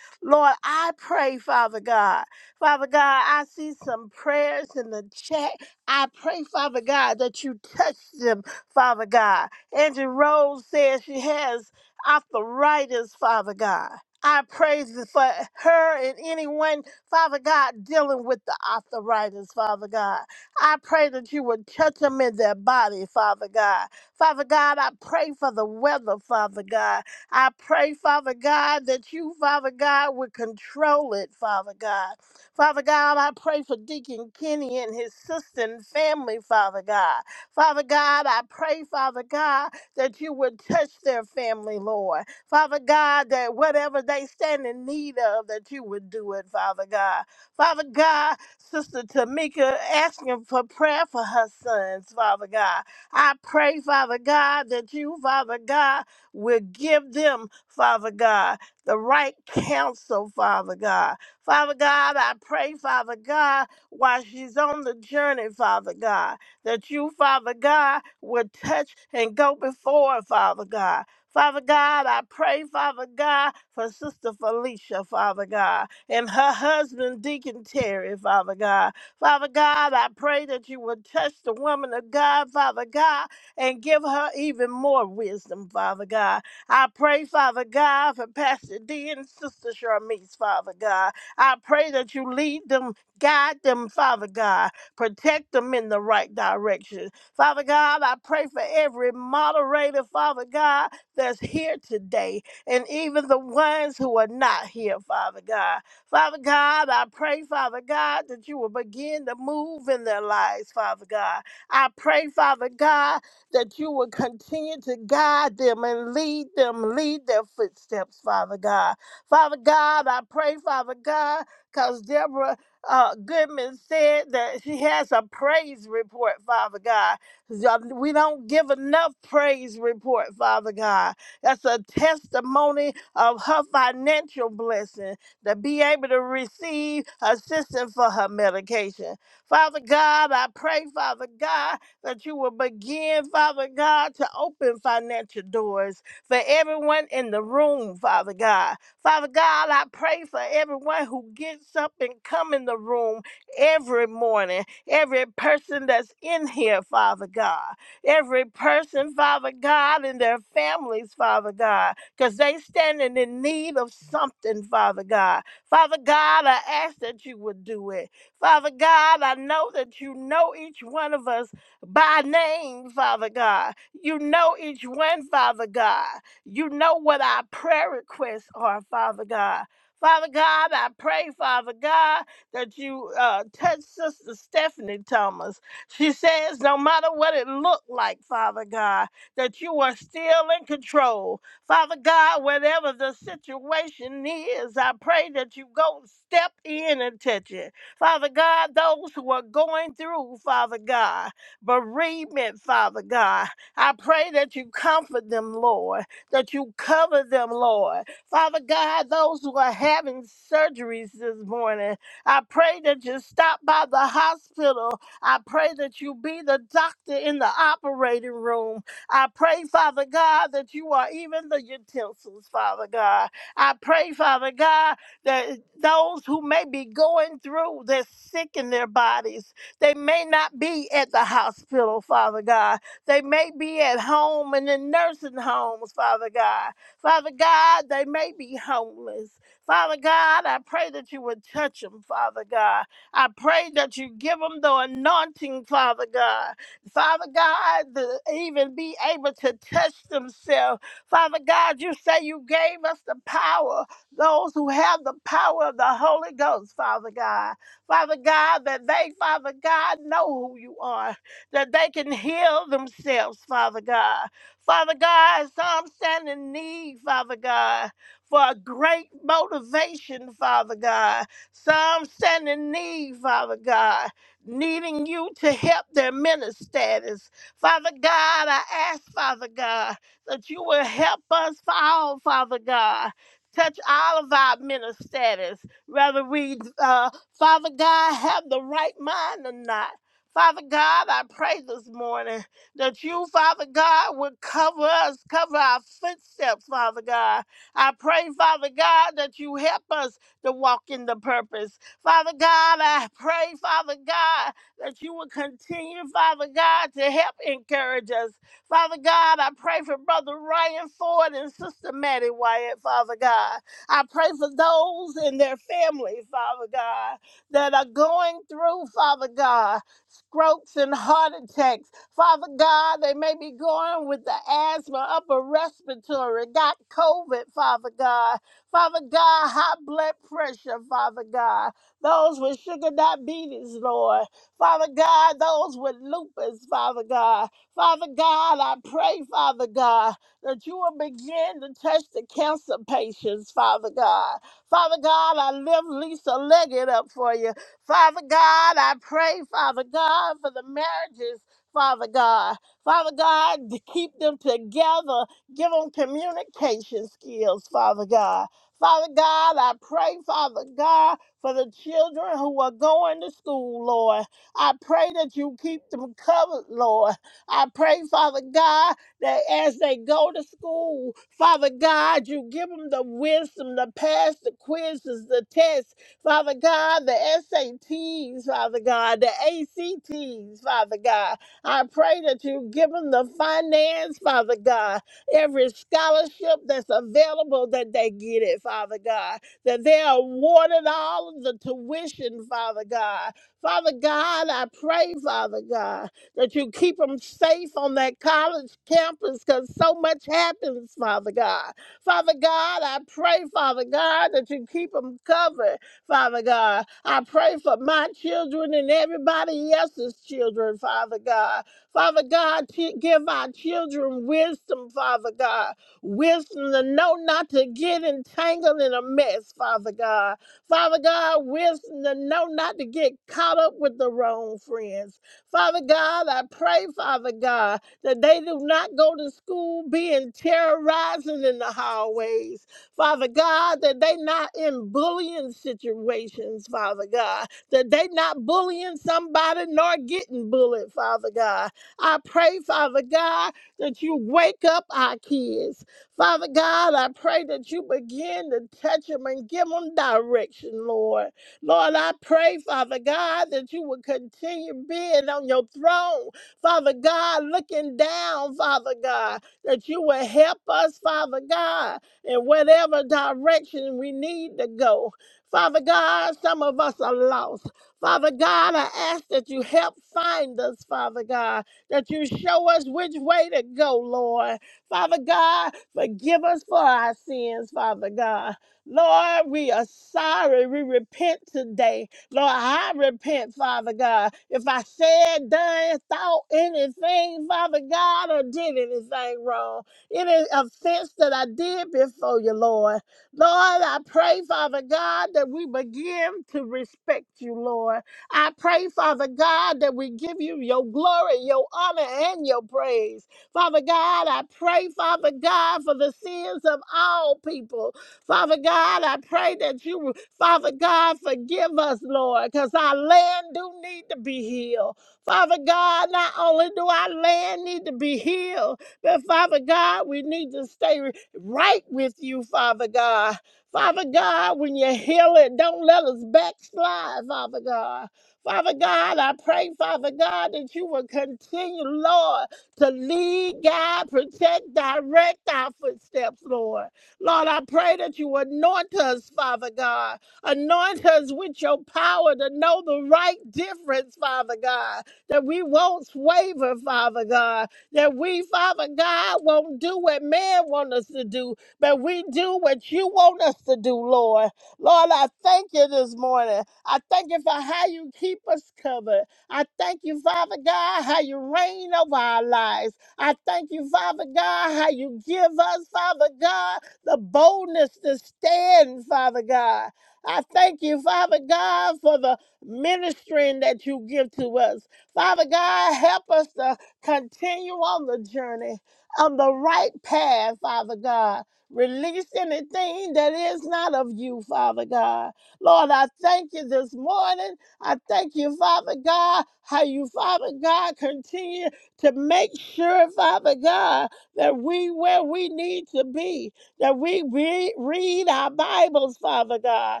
S8: Lord, I pray, Father God. Father God, I see some prayers in the chat. I pray, Father God, that you touch them, Father God. Angie Rose says she has arthritis, Father God. I praise you for her and anyone, Father God, dealing with the arthritis, Father God. I pray that you would touch them in their body, Father God. Father God, I pray for the weather, Father God. I pray, Father God, that you, Father God, would control it, Father God. Father God, I pray for Deacon Kenny and his sister and family, Father God. Father God, I pray, Father God, that you would touch their family, Lord. Father God, that whatever they stand in need of, that you would do it, Father God. Father God, Sister Tamika asking for prayer for her sons, Father God. I pray, Father God, that you, Father God, will give them, Father God, the right counsel, Father God. Father God, I pray, Father God, while she's on the journey, Father God that you, Father God, would touch and go before, Father God. Father God, I pray, Father God, for Sister Felicia, Father God, and her husband, Deacon Terry, Father God. Father God, I pray that you would touch the woman of God, Father God, and give her even more wisdom, Father God. I pray, Father God, for Pastor D and Sister Charmise, Father God. I pray that you lead them, guide them, Father God Protect them in the right direction. Father God, I pray for every moderator, Father God, that's here today, and even the ones who are not here, Father God. Father God, I pray, Father God, that you will begin to move in their lives, Father God. I pray, Father God, that you will continue to guide them and lead them, lead their footsteps, Father God. Father God, I pray, Father God, because Deborah uh, Goodman said that she has a praise report, Father God. Yeah, We don't give enough praise report, Father God. That's a testimony of her financial blessing to be able to receive assistance for her medication. Father God, I pray, Father God, that you will begin, Father God, to open financial doors for everyone in the room, Father God. Father God, I pray for everyone who gets up and come in the room every morning, every person that's in here, Father God, every person, Father God, and their families, Father God, because they standing in need of something, Father God. Father God, I ask that you would do it. Father God, I know that you know each one of us by name, Father God. You know each one, Father God. You know what our prayer requests are, Father God. Father God, I pray, Father God, that you uh, touch Sister Stephanie Thomas. She says, no matter what it looked like, Father God, that you are still in control. Father God, whatever the situation is, I pray that you go step in and touch it. Father God, those who are going through, Father God, bereavement, Father God, I pray that you comfort them, Lord that you cover them, Lord. Father God, those who are having surgeries this morning, I pray that you stop by the hospital. I pray that you be the doctor in the operating room. I pray, Father God, that you are even the utensils, Father God. I pray, Father God, that those who may be going through, they're sick in their bodies. They may not be at the hospital, Father God they may be at home and in nursing homes, Father God. Father God, they may be homeless. Father God, I pray that you would touch them, Father God. I pray that you give them the anointing, Father God. Father God, to even be able to touch themselves. Father God, you say you gave us the power, those who have the power of the Holy Ghost, Father God. Father God, that they, Father God, know who you are that they can heal themselves, Father God. Father God, so I'm standing in need, Father God, for a great motivation, Father God. So I'm standing in need, Father God, needing you to help their minister status. Father God, I ask, Father God, that you will help us all, Father God. Touch all of our minister status, whether we, uh, Father God, have the right mind or not. Father God, I pray this morning that you, Father God, would cover us, cover our footsteps, Father God. I pray, Father God, that you help us to walk in the purpose. Father God, I pray, Father God, that you would continue, Father God, to help encourage us. Father God, I pray for Brother Ryan Ford and Sister Maddie Wyatt, Father God. I pray for those and their families, Father God, that are going through, Father God strokes and heart attacks. Father God, they may be going with the asthma, upper respiratory, got COVID, Father God. Father God, high blood pressure, Father God. Those with sugar diabetes, Lord. Father God, those with lupus, Father God. Father God, I pray, Father God, that you will begin to touch the cancer patients, Father God. Father God, I lift Lisa Leggett up for you. Father God, I pray, Father God, for the marriages, Father God. Father God, to keep them together. Give them communication skills, Father God. Father God, I pray, Father God, for the children who are going to school, Lord. I pray that you keep them covered, Lord. I pray, Father God, that as they go to school, Father God, you give them the wisdom to pass the quizzes, the tests, Father God, the SATs, Father God, the ACTs, Father God. I pray that you give them the finance, Father God, every scholarship that's available that they get it, Father God, that they are awarded all of the tuition, Father God. Father God, I pray, Father God, that you keep them safe on that college campus because so much happens, Father God. Father God, I pray, Father God, that you keep them covered Father God. I pray for my children and everybody else's children, Father God. Father God, t- give our children wisdom, Father God. Wisdom to know not to get entangled in a mess, Father God. Father God, wisdom to know not to get caught up with the wrong friends. Father God, I pray, Father God, that they do not go to school being terrorizing in the hallways. Father God, that they not in bullying situations, Father God, that they not bullying somebody nor getting bullied, Father God. I pray, Father God, that you wake up our kids. Father God, I pray that you begin to touch them and give them direction, Lord. Lord, I pray, Father God, that you would continue being on your throne, Father God, looking down, Father God, that you would help us, Father God in whatever direction we need to go. Father God, some of us are lost. Father God, I ask that you help find us, Father God, that you show us which way to go, Lord. Father God, forgive us for our sins, Father God. Lord, we are sorry. We repent today. Lord, I repent, Father God. If I said, done, thought anything, Father God, or did anything wrong any offense that I did before you, Lord. Lord, I pray, Father God, that we begin to respect you, Lord. I pray, Father God, that we give you your glory, your honor, and your praise. Father God, I pray, Father God, for the sins of all people. Father God, I pray that you, Father God, forgive us, Lord, because our land do need to be healed. Father God, not only do our land need to be healed, but Father God, we need to stay right with you, Father God. Father God, when you heal it, don't let us backslide, Father God. Father God, I pray, Father God, that you will continue, Lord, to lead, guide, protect, direct our footsteps, Lord. Lord, I pray that you anoint us, Father God. Anoint us with your power to know the right difference, Father God, that we won't waver, Father God that we, Father God, won't do what man wants us to do, but we do what you want us to do, Lord. Lord, I thank you this morning. I thank you for how you keep us covered. I thank you, Father God, how you reign over our lives. I thank you, Father God, how you give us, Father God, the boldness to stand, Father God. I thank you, Father God, for the ministering that you give to us. Father God, help us to Continue on the journey on the right path, Father God. Release anything that is not of you, Father God. Lord, I thank you this morning. I thank you, Father God, how you, Father God, continue to make sure, Father God, that we where we need to be, that we re- read our Bibles, Father God,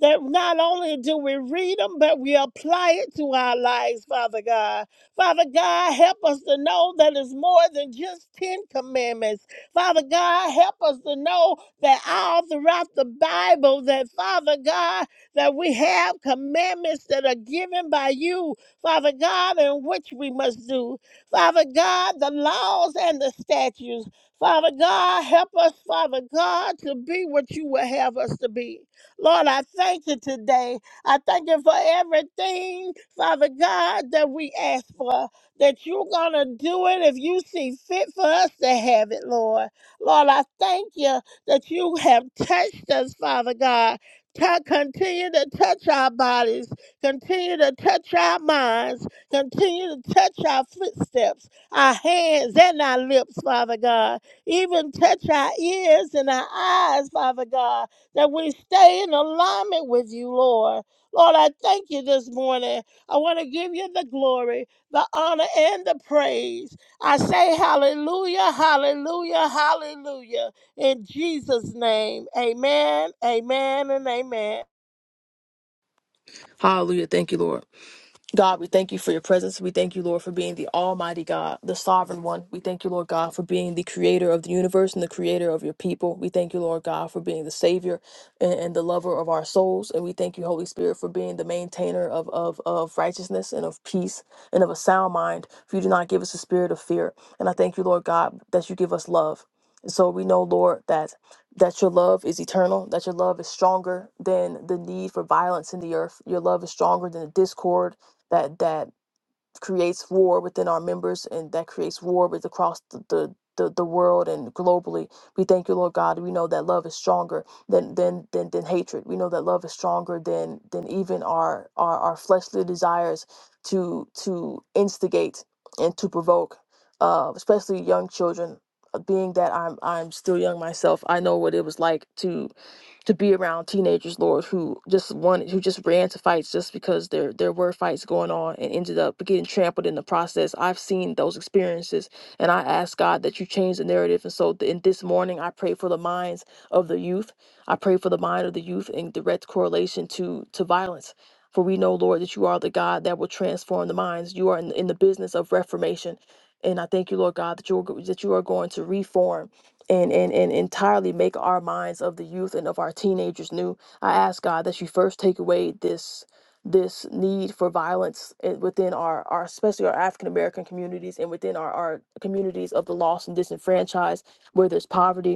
S8: that not only do we read them, but we apply it to our lives, Father God. Father God, help us to know that it's more than just 10 commandments. Father God, help us to know that all throughout the Bible, that Father God, that we have commandments that are given by you, Father God, and which we must do. Father God, the laws and the statutes. Father God, help us, Father God, to be what you would have us to be. Lord, I thank you today. I thank you for everything, Father God, that we ask for, that you're going to do it if you see fit for us to have it, Lord. Lord, I thank you that you have touched us, Father God. Tou- continue to touch our bodies, continue to touch our minds, continue to touch our footsteps, our hands, and our lips, Father God. Even touch our ears and our eyes, Father God that we stay in alignment with you, Lord. Lord, I thank you this morning. I want to give you the glory, the honor, and the praise. I say hallelujah, hallelujah, hallelujah. In Jesus' name, amen, amen, and amen.
S9: Hallelujah. Thank you, Lord. God, we thank you for your presence. We thank you, Lord, for being the Almighty God, the Sovereign One. We thank you, Lord God, for being the creator of the universe and the creator of your people. We thank you, Lord God, for being the Savior and, and the lover of our souls. And we thank you, Holy Spirit, for being the maintainer of, of, of righteousness and of peace and of a sound mind. For you do not give us a spirit of fear. And I thank you, Lord God, that you give us love. And so we know, Lord, that that your love is eternal, that your love is stronger than the need for violence in the earth. Your love is stronger than the discord that that creates war within our members and that creates war with across the, the the, the world and globally we thank you lord god we know that love is stronger than than than, than hatred we know that love is stronger than than even our, our our fleshly desires to to instigate and to provoke uh especially young children Uh, being that i'm i'm still young myself i know what it was like to to be around teenagers, Lord, who just wanted, who just ran to fights just because there there were fights going on and ended up getting trampled in the process. I've seen those experiences, and I ask God that you change the narrative. And so, th- in this morning, I pray for the minds of the youth. I pray for the mind of the youth in direct correlation to to violence. For we know, Lord, that you are the God that will transform the minds. You are in, in the business of reformation, and I thank you, Lord God, that you are, go- that you are going to reform and, and, and entirely make our minds of the youth and of our teenagers new. I ask God that you first take away this this need for violence i- within our, our especially our African American communities and within our, our communities of the lost and disenfranchised where there's poverty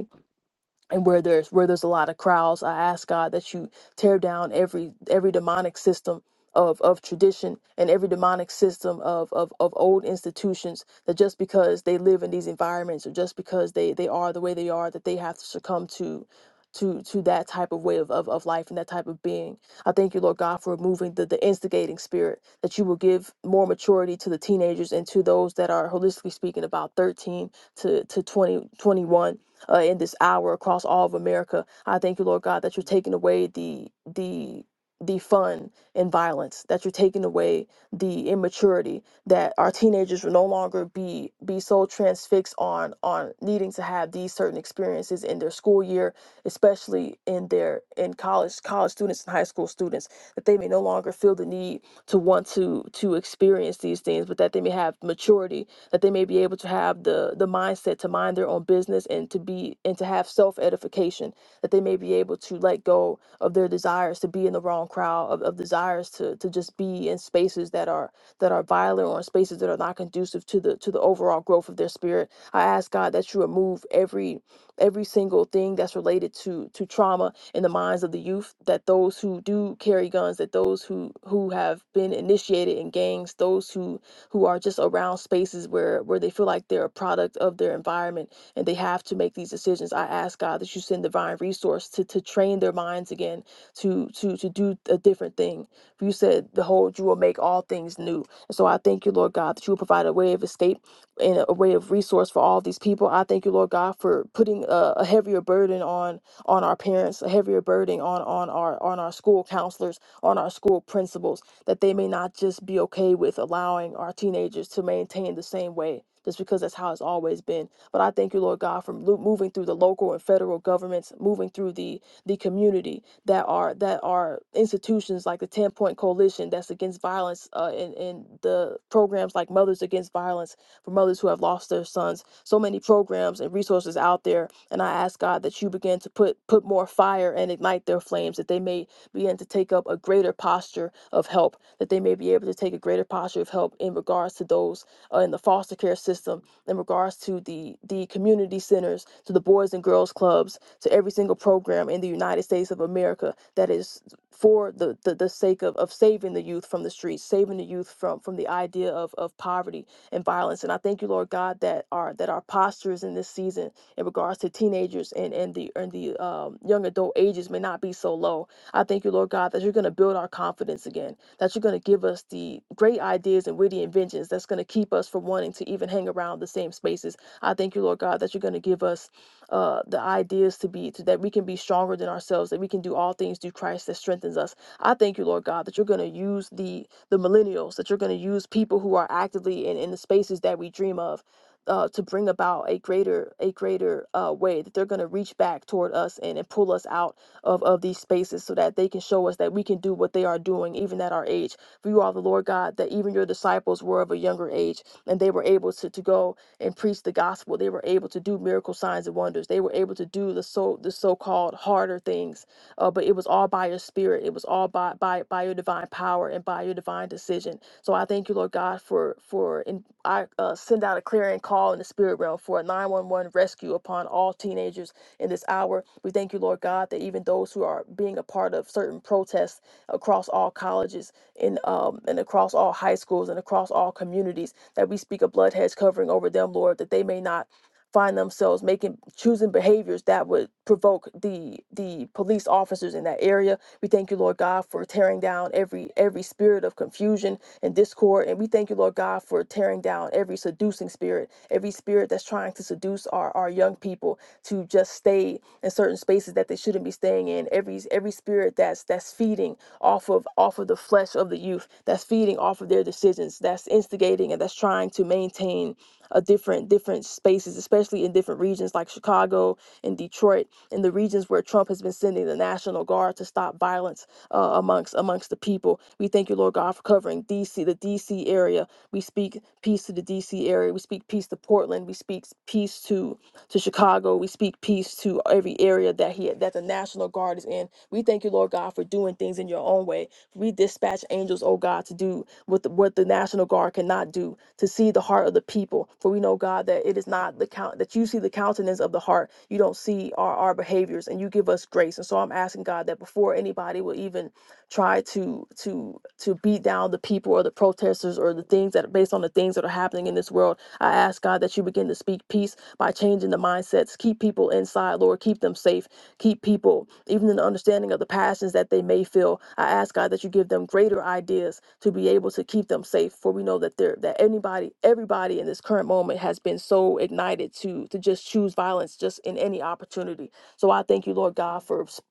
S9: and where there's where there's a lot of crowds i ask god that you tear down every every demonic system of of tradition and every demonic system of of, of old institutions that just because they live in these environments or just because they they are the way they are that they have to succumb to to to that type of way of, of, of life and that type of being i thank you lord god for removing the, the instigating spirit that you will give more maturity to the teenagers and to those that are holistically speaking about 13 to to 20 21 uh, in this hour across all of America. I thank you, Lord God, that you're taking away the the the fun and violence that you're taking away the immaturity that our teenagers will no longer be be so transfixed on on needing to have these certain experiences in their school year especially in their in college college students and high school students that they may no longer feel the need to want to to experience these things but that they may have maturity that they may be able to have the the mindset to mind their own business and to be and to have self edification that they may be able to let go of their desires to be in the wrong crowd of, of desires to to just be in spaces that are that are violent or in spaces that are not conducive to the to the overall growth of their spirit i ask god that you remove every every single thing that's related to to trauma in the minds of the youth that those who do carry guns that those who who have been initiated in gangs those who who are just around spaces where where they feel like they're a product of their environment and they have to make these decisions. I ask God that you send divine resource to to train their minds again to to to do a different thing. For you said, Behold, you will make all things new. And so I thank you, Lord God, that you will provide a way of escape and a way of resource for all these people. I thank you, Lord God, for putting a, a heavier burden on on our parents, a heavier burden on on our on our school counselors, on our school principals that they may not just be okay with allowing our teenagers to maintain the same way just because that's how it's always been but i thank you lord god for lo- moving through the local and federal governments moving through the the community that are that are institutions like the 10 point coalition that's against violence uh, and, and the programs like mothers against violence for mothers who have lost their sons so many programs and resources out there and i ask god that you begin to put put more fire and ignite their flames that they may begin to take up a greater posture of help, that they may be able to take a greater posture of help in regards to those uh, in the foster care system, in regards to the, the community centers, to the Boys and Girls Clubs, to every single program in the United States of America that is for the, the, the sake of, of saving the youth from the streets, saving the youth from, from the idea of, of poverty and violence. And I thank you, Lord God, that our that our postures in this season in regards to teenagers and, and the and the um, young adult ages may not be so low I thank you, Lord God, that you're going to build our confidence again, that you're going to give us the great ideas and witty inventions that's going to keep us from wanting to even hang around the same spaces. I thank you, Lord God, that you're going to give us uh, the ideas to be, to, that we can be stronger than ourselves, that we can do all things through Christ that strengthens us. I thank you, Lord God, that you're going to use the the millennials, that you're going to use people who are actively in, in the spaces that we dream of. Uh, to bring about a greater a greater uh, way that they're going to reach back toward us and, and pull us out of, of these spaces so that they can show us that we can do what they are doing, even at our age. For you are the Lord God, that even your disciples were of a younger age and they were able to, to go and preach the gospel. They were able to do miracle signs and wonders. They were able to do the so the so-called harder things. Uh, but it was all by your spirit. It was all by by by your divine power and by your divine decision. So I thank you, Lord God, for for and I uh, send out a clearing call in the spirit realm for a 911 rescue upon all teenagers in this hour. We thank you, Lord God, that even those who are being a part of certain protests across all colleges and um, and across all high schools and across all communities, that we speak a blood hedge covering over them, Lord, that they may not find themselves making choosing behaviors that would provoke the the police officers in that area we thank you, Lord God, for tearing down every every spirit of confusion and discord. And we thank you, Lord God, for tearing down every seducing spirit, every spirit that's trying to seduce our, our young people to just stay in certain spaces that they shouldn't be staying in. Every every spirit that's that's feeding off of off of the flesh of the youth, that's feeding off of their decisions, that's instigating and that's trying to maintain a different different spaces, especially in different regions like Chicago and Detroit in the regions where Trump has been sending the National Guard to stop violence uh, amongst amongst the people. We thank you, Lord God, for covering D.C. the D.C. area. We speak peace to the D.C. area. We speak peace to Portland. We speak peace to to Chicago. We speak peace to every area that he that the National Guard is in. We thank you, Lord God, for doing things in your own way. We dispatch angels, oh God, to do with what the National Guard cannot do, to see the heart of the people. For we know, God, that it is not the count that you see the countenance of the heart. You don't see our, our behaviors and you give us grace. And so I'm asking God that before anybody will even try to to to beat down the people or the protesters or the things that are based on the things that are happening in this world. I ask God that you begin to speak peace by changing the mindsets. Keep people inside, Lord. Keep them safe. Keep people, even in the understanding of the passions that they may feel. I ask God that you give them greater ideas to be able to keep them safe. For we know that there that anybody, everybody in this current moment has been so ignited to to just choose violence just in any opportunity. So I thank you, Lord God, for s-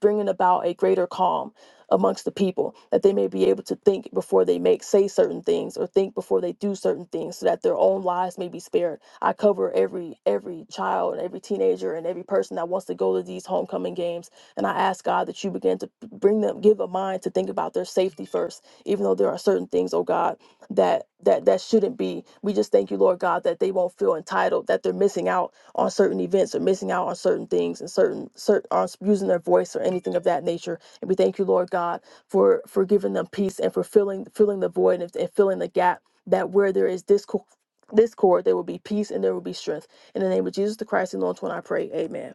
S9: bringing about a greater calm amongst the people that they may be able to think before they make say certain things or think before they do certain things so that their own lives may be spared I cover every every child, every teenager, and every person that wants to go to these homecoming games. And I ask God that you begin to bring them, give a mind to think about their safety first, even though there are certain things, oh God, that that that shouldn't be. We just thank you, Lord God, that they won't feel entitled, that they're missing out on certain events or missing out on certain things and certain certain on using their voice or anything of that nature. And we thank you, Lord God, for for giving them peace and for filling filling the void and, and filling the gap that where there is discord this cord, there will be peace and there will be strength. In the name of Jesus the Christ, the Lord, one I pray. Amen.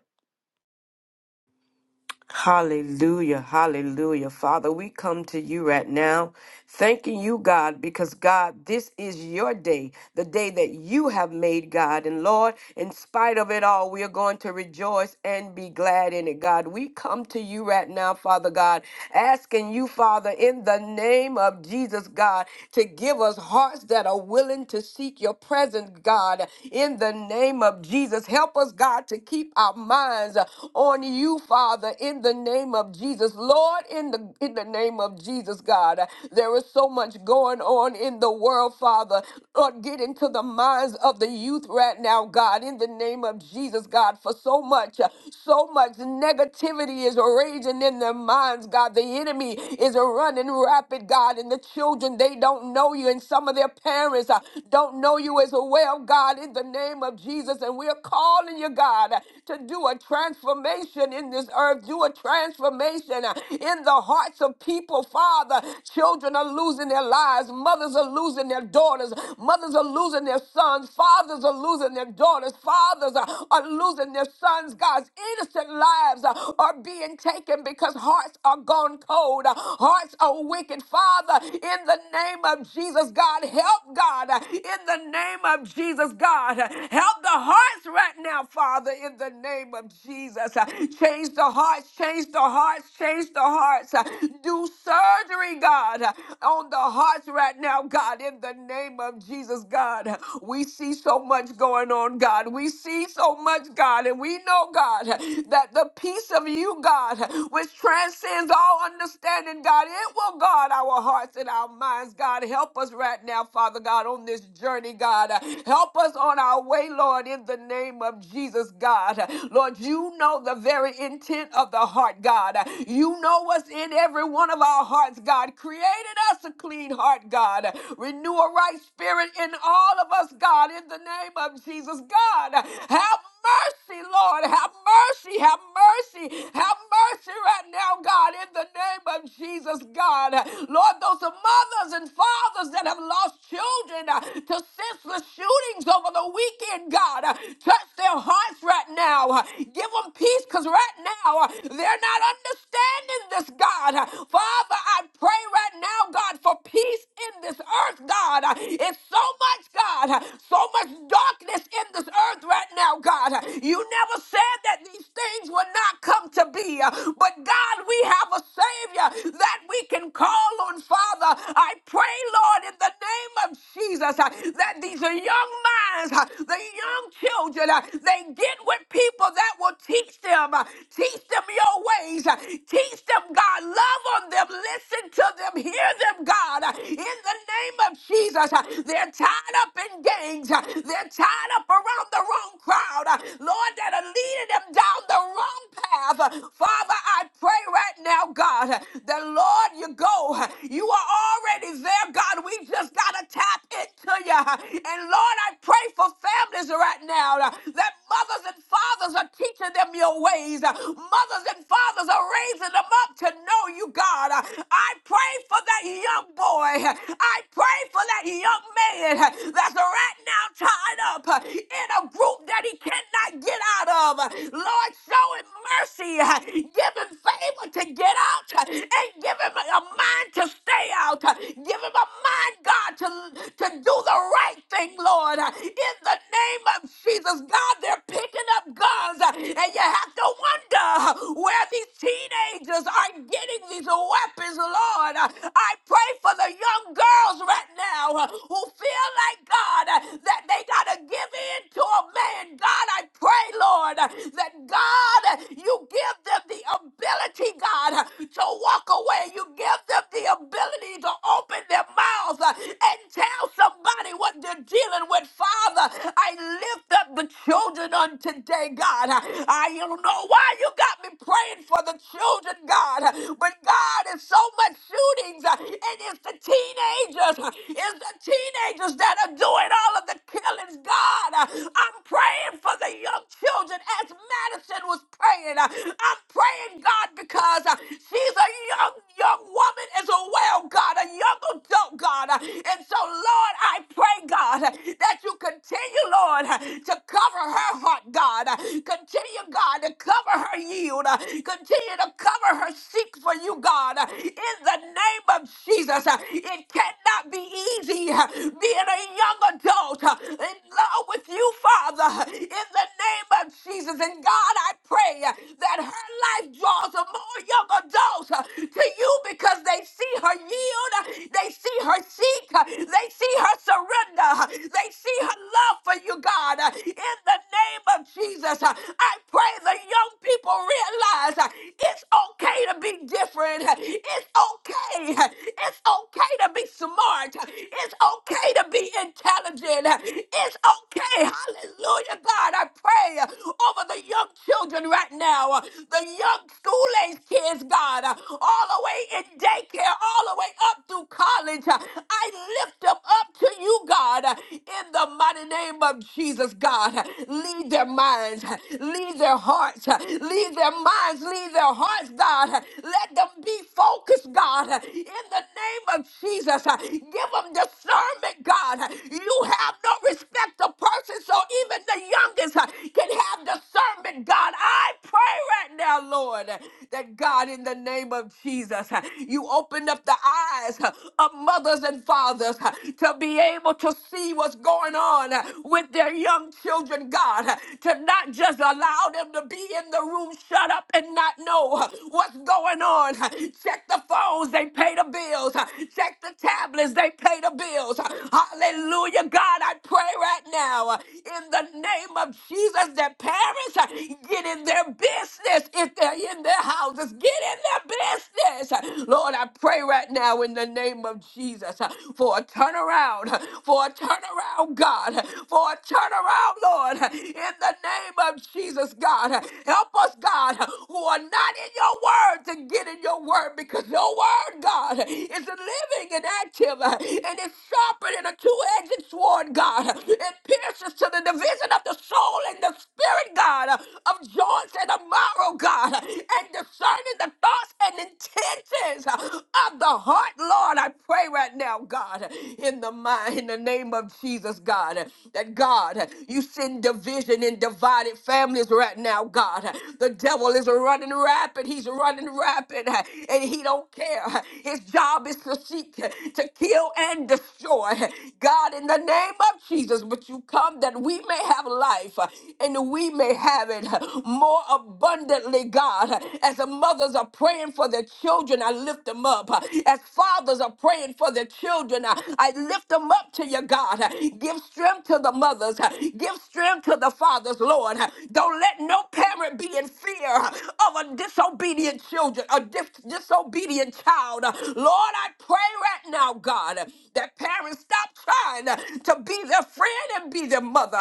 S2: Hallelujah, hallelujah. Father, we come to you right now, thanking you, God, because God, this is your day, the day that you have made, God. And Lord, in spite of it all, we are going to rejoice and be glad in it, God. We come to you right now, Father God, asking you, Father, in the name of Jesus, God, to give us hearts that are willing to seek your presence, God, in the name of Jesus. Help us, God, to keep our minds on you you, Father, in the name of Jesus. Lord, in the in the name of Jesus, God. There is so much going on in the world, Father. Lord, get into the minds of the youth right now, God, in the name of Jesus, God, for so much, uh, so much negativity is raging in their minds, God. The enemy is running rapid, God, and the children, they don't know you, and some of their parents uh, don't know you as well, God, in the name of Jesus. And we're calling you, God, to do do a transformation in this earth. Do a transformation uh, in the hearts of people, Father. Children are losing their lives. Mothers are losing their daughters. Mothers are losing their sons. Fathers are losing their daughters. Fathers uh, are losing their sons. God's innocent lives uh, are being taken because hearts are gone cold. Uh, Hearts are wicked. Father, in the name of Jesus, God, help God. Uh, In the name of Jesus, God, uh, help the hearts right now, Father. Father, in the name of Jesus. Uh, Change the hearts, change the hearts, change the hearts. Uh, Do surgery, God, uh, on the hearts right now, God, in the name of Jesus, God. We see so much going on, God. We see so much, God, and we know, God, that the peace of you, God, which transcends all understanding, God, it will guard our hearts and our minds, God. Help us right now, Father God, on this journey, God. Help us on our way, Lord, in the name of Jesus, God. Lord, you know the very intent of the heart, God. You know what's in every one of our hearts, God. Created us a clean heart, God. Renew a right spirit in all of us, God, in the name of Jesus, God. Have mercy, Lord. Have mercy. Have mercy. Have mercy right now, God, in the name of Jesus, God. Lord, those are mothers and fathers that have lost children uh, to senseless shootings over the all weekend, God. Uh, Touch their hearts right now. Uh, Give them peace because right now uh, they're not understanding this, God. Uh, Father, I pray right now, God, for peace in this earth, God. Uh, It's so much, God, uh, so much darkness in this earth right now, God. Uh, You never said that these things would not come to be, uh, but God, we have a Savior that we can call on, Father. I pray, Lord, in the name of Jesus, uh, that these the young minds, uh, the young children, uh, they get with people that will teach them, uh, teach them your ways, uh, teach them, God. Love on them, listen to them, hear them, God. Uh, In the name of Jesus, uh, they're tied up in gangs, uh, they're tied up around the wrong crowd, uh, Lord, that are leading them down the wrong path path. Father, I pray right now, God, that Lord, you go. You are already there, God. We just got to tap into you. And Lord, I pray for families right now that mothers and fathers are teaching them your ways. Mothers and fathers are raising them up to know you, God. I pray for that young boy. I pray for that young man that's right now tied up in a group that he cannot get out of. Lord, show showing mercy, uh, give him favor to get out, uh, and give him a mind to stay out. uh, Give him a mind, God, to, to do the right thing, Lord. uh, In the name of Jesus, God, they're picking up guns, uh, and you have to wonder uh, where these teenagers are getting these weapons, Lord. Uh, I pray for the young girls right now uh, who feel like, God, uh, that they got to give in to a man. God, I pray, Lord, uh, that that God, you give them the ability, God, to walk away. You give them the ability to open their mouths uh, and tell somebody what they're dealing with. Father, I lift up the children on today, God. I don't know why you got me praying for the children, God, but God, is so much shootings, uh, and it's the teenagers, uh, it's the teenagers that are doing all of the killings, God. Uh, I'm praying for the young children as Madison was praying, uh, I'm praying, God, because uh, she's a young, young woman as well, God, a young adult, God. Uh, And so, Lord, I pray, God, uh, that you continue, Lord, uh, to cover her heart, God. Uh, Continue, God, to cover her yield. Uh, Continue to cover her seek for you, God. Uh, In the name of Jesus, uh, it cannot be easy uh, being a young adult uh, in love with you, Father. In the name of Jesus. And God, I pray uh, that her life draws uh, more young adults uh, to you because they see her yield, uh, they see her seek, uh, they see her surrender, uh, they see her love for you, God. Uh, In the name of Jesus, uh, I pray the young people realize uh, it's okay to be different, uh, it's okay, uh, it's okay to be smart, it's okay to be intelligent. It's okay. Hallelujah, God. I pray over the young children right now, the young school age kids, God, all the way in daycare, all the way up through college. I lift them up to you, God, in the mighty name of Jesus, God. Lead their them, minds, leave their hearts, leave their minds, leave their hearts, God. Let them be focused, God, in the name of Jesus. Give them discernment, God. You have no respect of persons, so even the youngest can and have discernment, God. I pray right now, Lord, that God, in the name of Jesus, you open up the eyes of mothers and fathers to be able to see what's going on with their young children, God, to not just allow them to be in the room shut up and not know what's going on. Check the phones, they pay the bills. Check the tablets, they pay the bills. Hallelujah, God, I pray right now in the name of Jesus, that parents uh, get in their business if they're in their houses. Get in their business. Lord, I pray right now in the name of Jesus uh, for a turnaround, uh, for a turnaround, God, uh, for a turnaround, Lord, uh, in the name of Jesus, God. Uh, Help us, God, uh, who are not in your word to get in your word because your word, God, is living and active uh, and it's sharper than a two-edged sword, God. It pierces to the division prison of the soul and the spirit, God, uh, of joints and of marrow, God, uh, and discerning the thoughts and intentions uh, of the heart, Lord. I pray right now, God, uh, in the mind, in the name of Jesus, God, uh, that God, uh, you send division in divided families right now, God. Uh, The devil is running rapid. He's running rapid, uh, and he don't care. Uh, His job is to seek, uh, to kill, and destroy. Uh, God, in the name of Jesus, but you come that that we may have life uh, and we may have it uh, more abundantly, God. Uh, As the mothers are praying for their children, I lift them up. Uh, As fathers are praying for their children, uh, I lift them up to you, God. Uh, Give strength to the mothers, Uh, give strength to the fathers, Lord. Uh, Don't let no parent be in fear uh, of a disobedient children, a dis- disobedient child. Uh, Lord, I pray right now, God, that parents stop trying to be their friend and be their mother,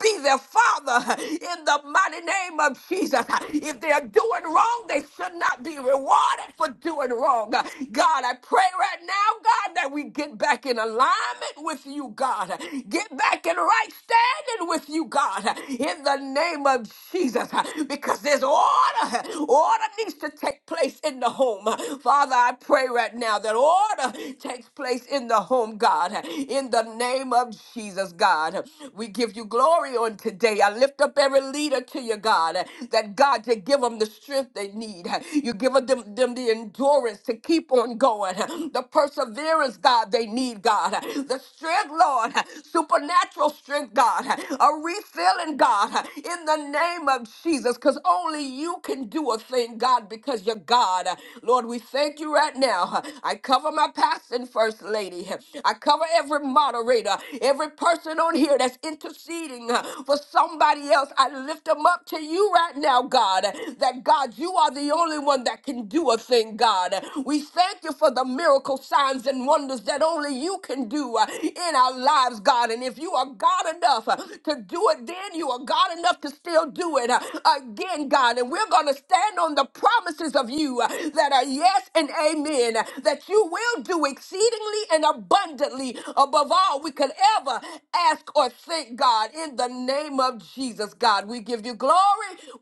S2: be their father in the mighty name of Jesus. If they are doing wrong, they should not be rewarded for doing wrong. God, I pray right now, God, that we get back in alignment with you, God. Get back in right standing with you, God, in the name of Jesus, because there's order. Order needs to take place in the home. Father, I pray right now that order takes place in the home, God, in the name of Jesus. Jesus, God. We give you glory on today. I lift up every leader to you, God, that God, to give them the strength they need. You give them, them the endurance to keep on going, the perseverance, God, they need, God, the strength, Lord, supernatural strength, God, a refilling, God, in the name of Jesus, because only you can do a thing, God, because you're God. Lord, we thank you right now. I cover my pastor and first lady. I cover every moderator uh, every person on here that's interceding uh, for somebody else, I lift them up to you right now, God, that God, you are the only one that can do a thing, God. We thank you for the miracle signs and wonders that only you can do uh, in our lives, God. And if you are God enough uh, to do it, then you are God enough to still do it uh, again, God. And we're going to stand on the promises of you uh, that are yes and amen, uh, that you will do exceedingly and abundantly above above all we could ever ask or think, God. In the name of Jesus, God, we give you glory,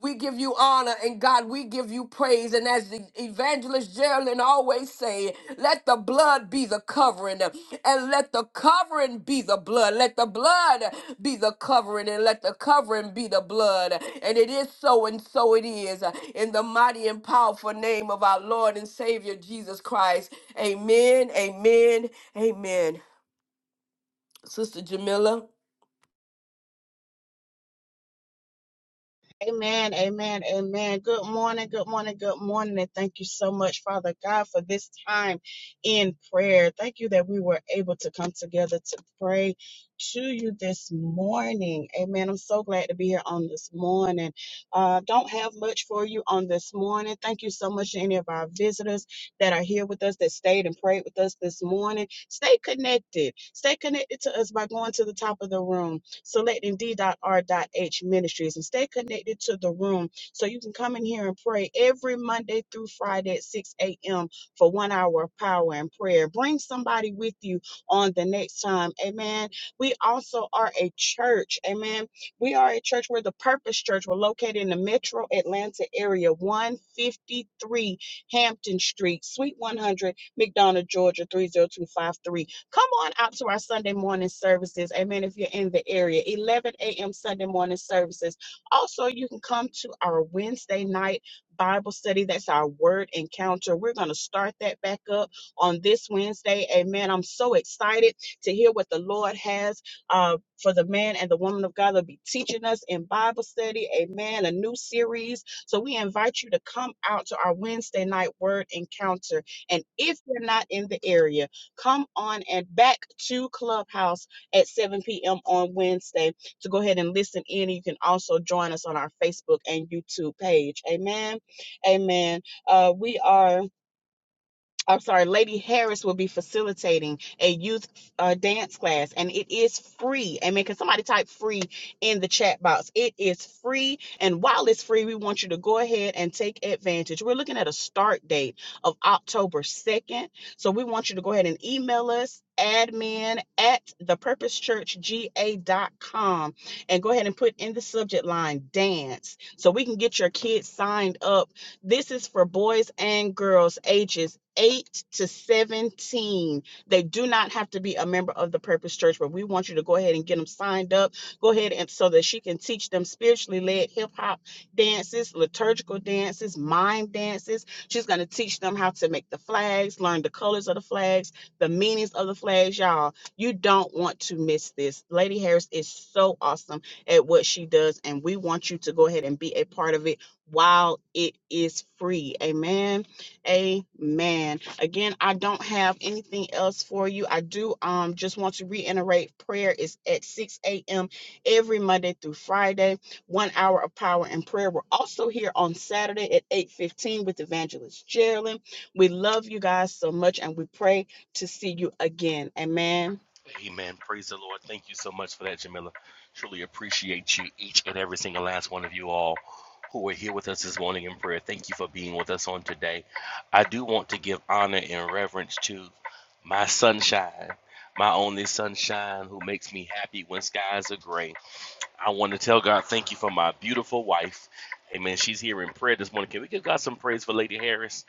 S2: we give you honor, and God, we give you praise. And as the evangelist Geraldine always say, let the blood be the covering, and let the covering be the blood. Let the blood be the covering, and let the covering be the blood. And it is so, and so it is. In the mighty and powerful name of our Lord and Savior Jesus Christ. Amen. Amen. Amen. Sister Jamila.
S5: Amen, amen, amen. Good morning, good morning, good morning. And thank you so much, Father God, for this time in prayer. Thank you that we were able to come together to pray to you this morning. Amen. I'm so glad to be here on this morning. Uh, don't have much for you on this morning. Thank you so much to any of our visitors that are here with us, that stayed and prayed with us this morning. Stay connected. Stay connected to us by going to the top of the room selecting d.r.h ministries and stay connected to the room so you can come in here and pray every Monday through Friday at 6 a.m. for one hour of power and prayer. Bring somebody with you on the next time. Amen. We also are a church. Amen. We are a church. We're the Purpose Church. We're located in the metro Atlanta area, 153 Hampton Street, Suite 100, McDonough, Georgia, 30253. Come on out to our Sunday morning services. Amen. If you're in the area, 11 a.m. Sunday morning services. Also, you can come to our Wednesday night Bible study. That's our word encounter. We're going to start that back up on this Wednesday. Amen. I'm so excited to hear what the Lord has uh, for the man and the woman of God. They'll be teaching us in Bible study. Amen. A new series. So we invite you to come out to our Wednesday night word encounter. And if you're not in the area, Come on and back to Clubhouse at 7 p.m. on Wednesday to go ahead and listen in. You can also join us on our Facebook and YouTube page. Amen. Amen. Uh, we are. I'm sorry, Lady Harris will be facilitating a youth uh, dance class, and it is free. Amen. Can somebody type free in the chat box? It is free. And while it's free, we want you to go ahead and take advantage. We're looking at a start date of October 2nd. So we want you to go ahead and email us admin at thepurposechurchga.com and go ahead and put in the subject line dance so we can get your kids signed up this is for boys and girls ages 8 to 17. They do not have to be a member of the Purpose Church, but we want you to go ahead and get them signed up. Go ahead and so that she can teach them spiritually led hip hop dances, liturgical dances, mime dances. She's going to teach them how to make the flags, learn the colors of the flags, the meanings of the flags. Y'all, you don't want to miss this. Lady Harris is so awesome at what she does, and we want you to go ahead and be a part of it while it is free. Amen. Amen. Again, I don't have anything else for you. I do um just want to reiterate prayer is at 6 a.m. every Monday through Friday. One hour of power and prayer. We're also here on Saturday at 8:15 with Evangelist Geraldine. We love you guys so much and we pray to see you again. Amen.
S1: Amen. Praise the Lord. Thank you so much for that, Jamila. Truly appreciate you, each and every single last one of you all who are here with us this morning in prayer. Thank you for being with us on today. I do want to give honor and reverence to my sunshine, my only sunshine who makes me happy when skies are gray. I want to tell God thank you for my beautiful wife. Amen. She's here in prayer this morning. Can we give God some praise for Lady Harris?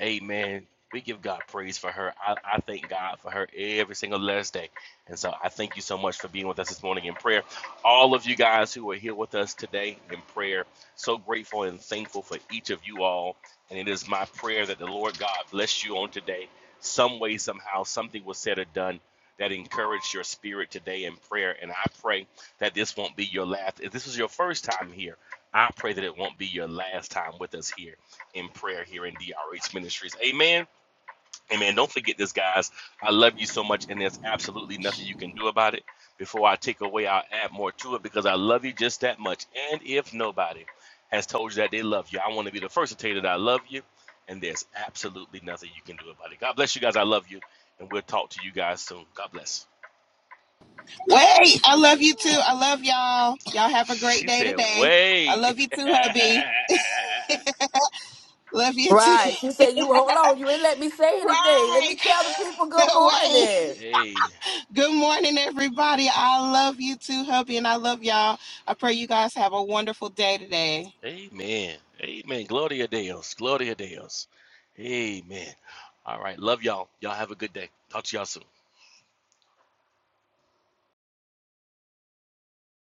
S1: Amen. We give God praise for her. I, I thank God for her every single last day. And so I thank you so much for being with us this morning in prayer. All of you guys who are here with us today in prayer, so grateful and thankful for each of you all. And it is my prayer that the Lord God bless you on today. Some way, somehow, something was said or done that encouraged your spirit today in prayer. And I pray that this won't be your last. If this was your first time here, I pray that it won't be your last time with us here in prayer here in DRH Ministries. Amen. Amen. Don't forget this, guys. I love you so much, and there's absolutely nothing you can do about it. Before I take away, I'll add more to it because I love you just that much. And if nobody has told you that they love you, I want to be the first to tell you that I love you, and there's absolutely nothing you can do about it. God bless you guys. I love you, and we'll talk to you guys soon. God bless.
S10: Wait, I love you too. I love y'all. Y'all have a great
S1: She
S10: day
S1: said,
S10: today. I
S1: wait.
S10: love you too, hubby. Love you too.
S2: Right. She said, You hold on, you ain't let me say anything. Let me
S10: Right.
S2: tell the people good
S10: No way.
S2: morning.
S1: hey,
S10: Good morning, everybody. I love you too, hubby, and I love y'all. I pray you guys have a wonderful day today.
S1: Amen. Amen. Gloria Deus. Gloria Deus. Amen. All right. Love y'all. Y'all have a good day. Talk to y'all soon.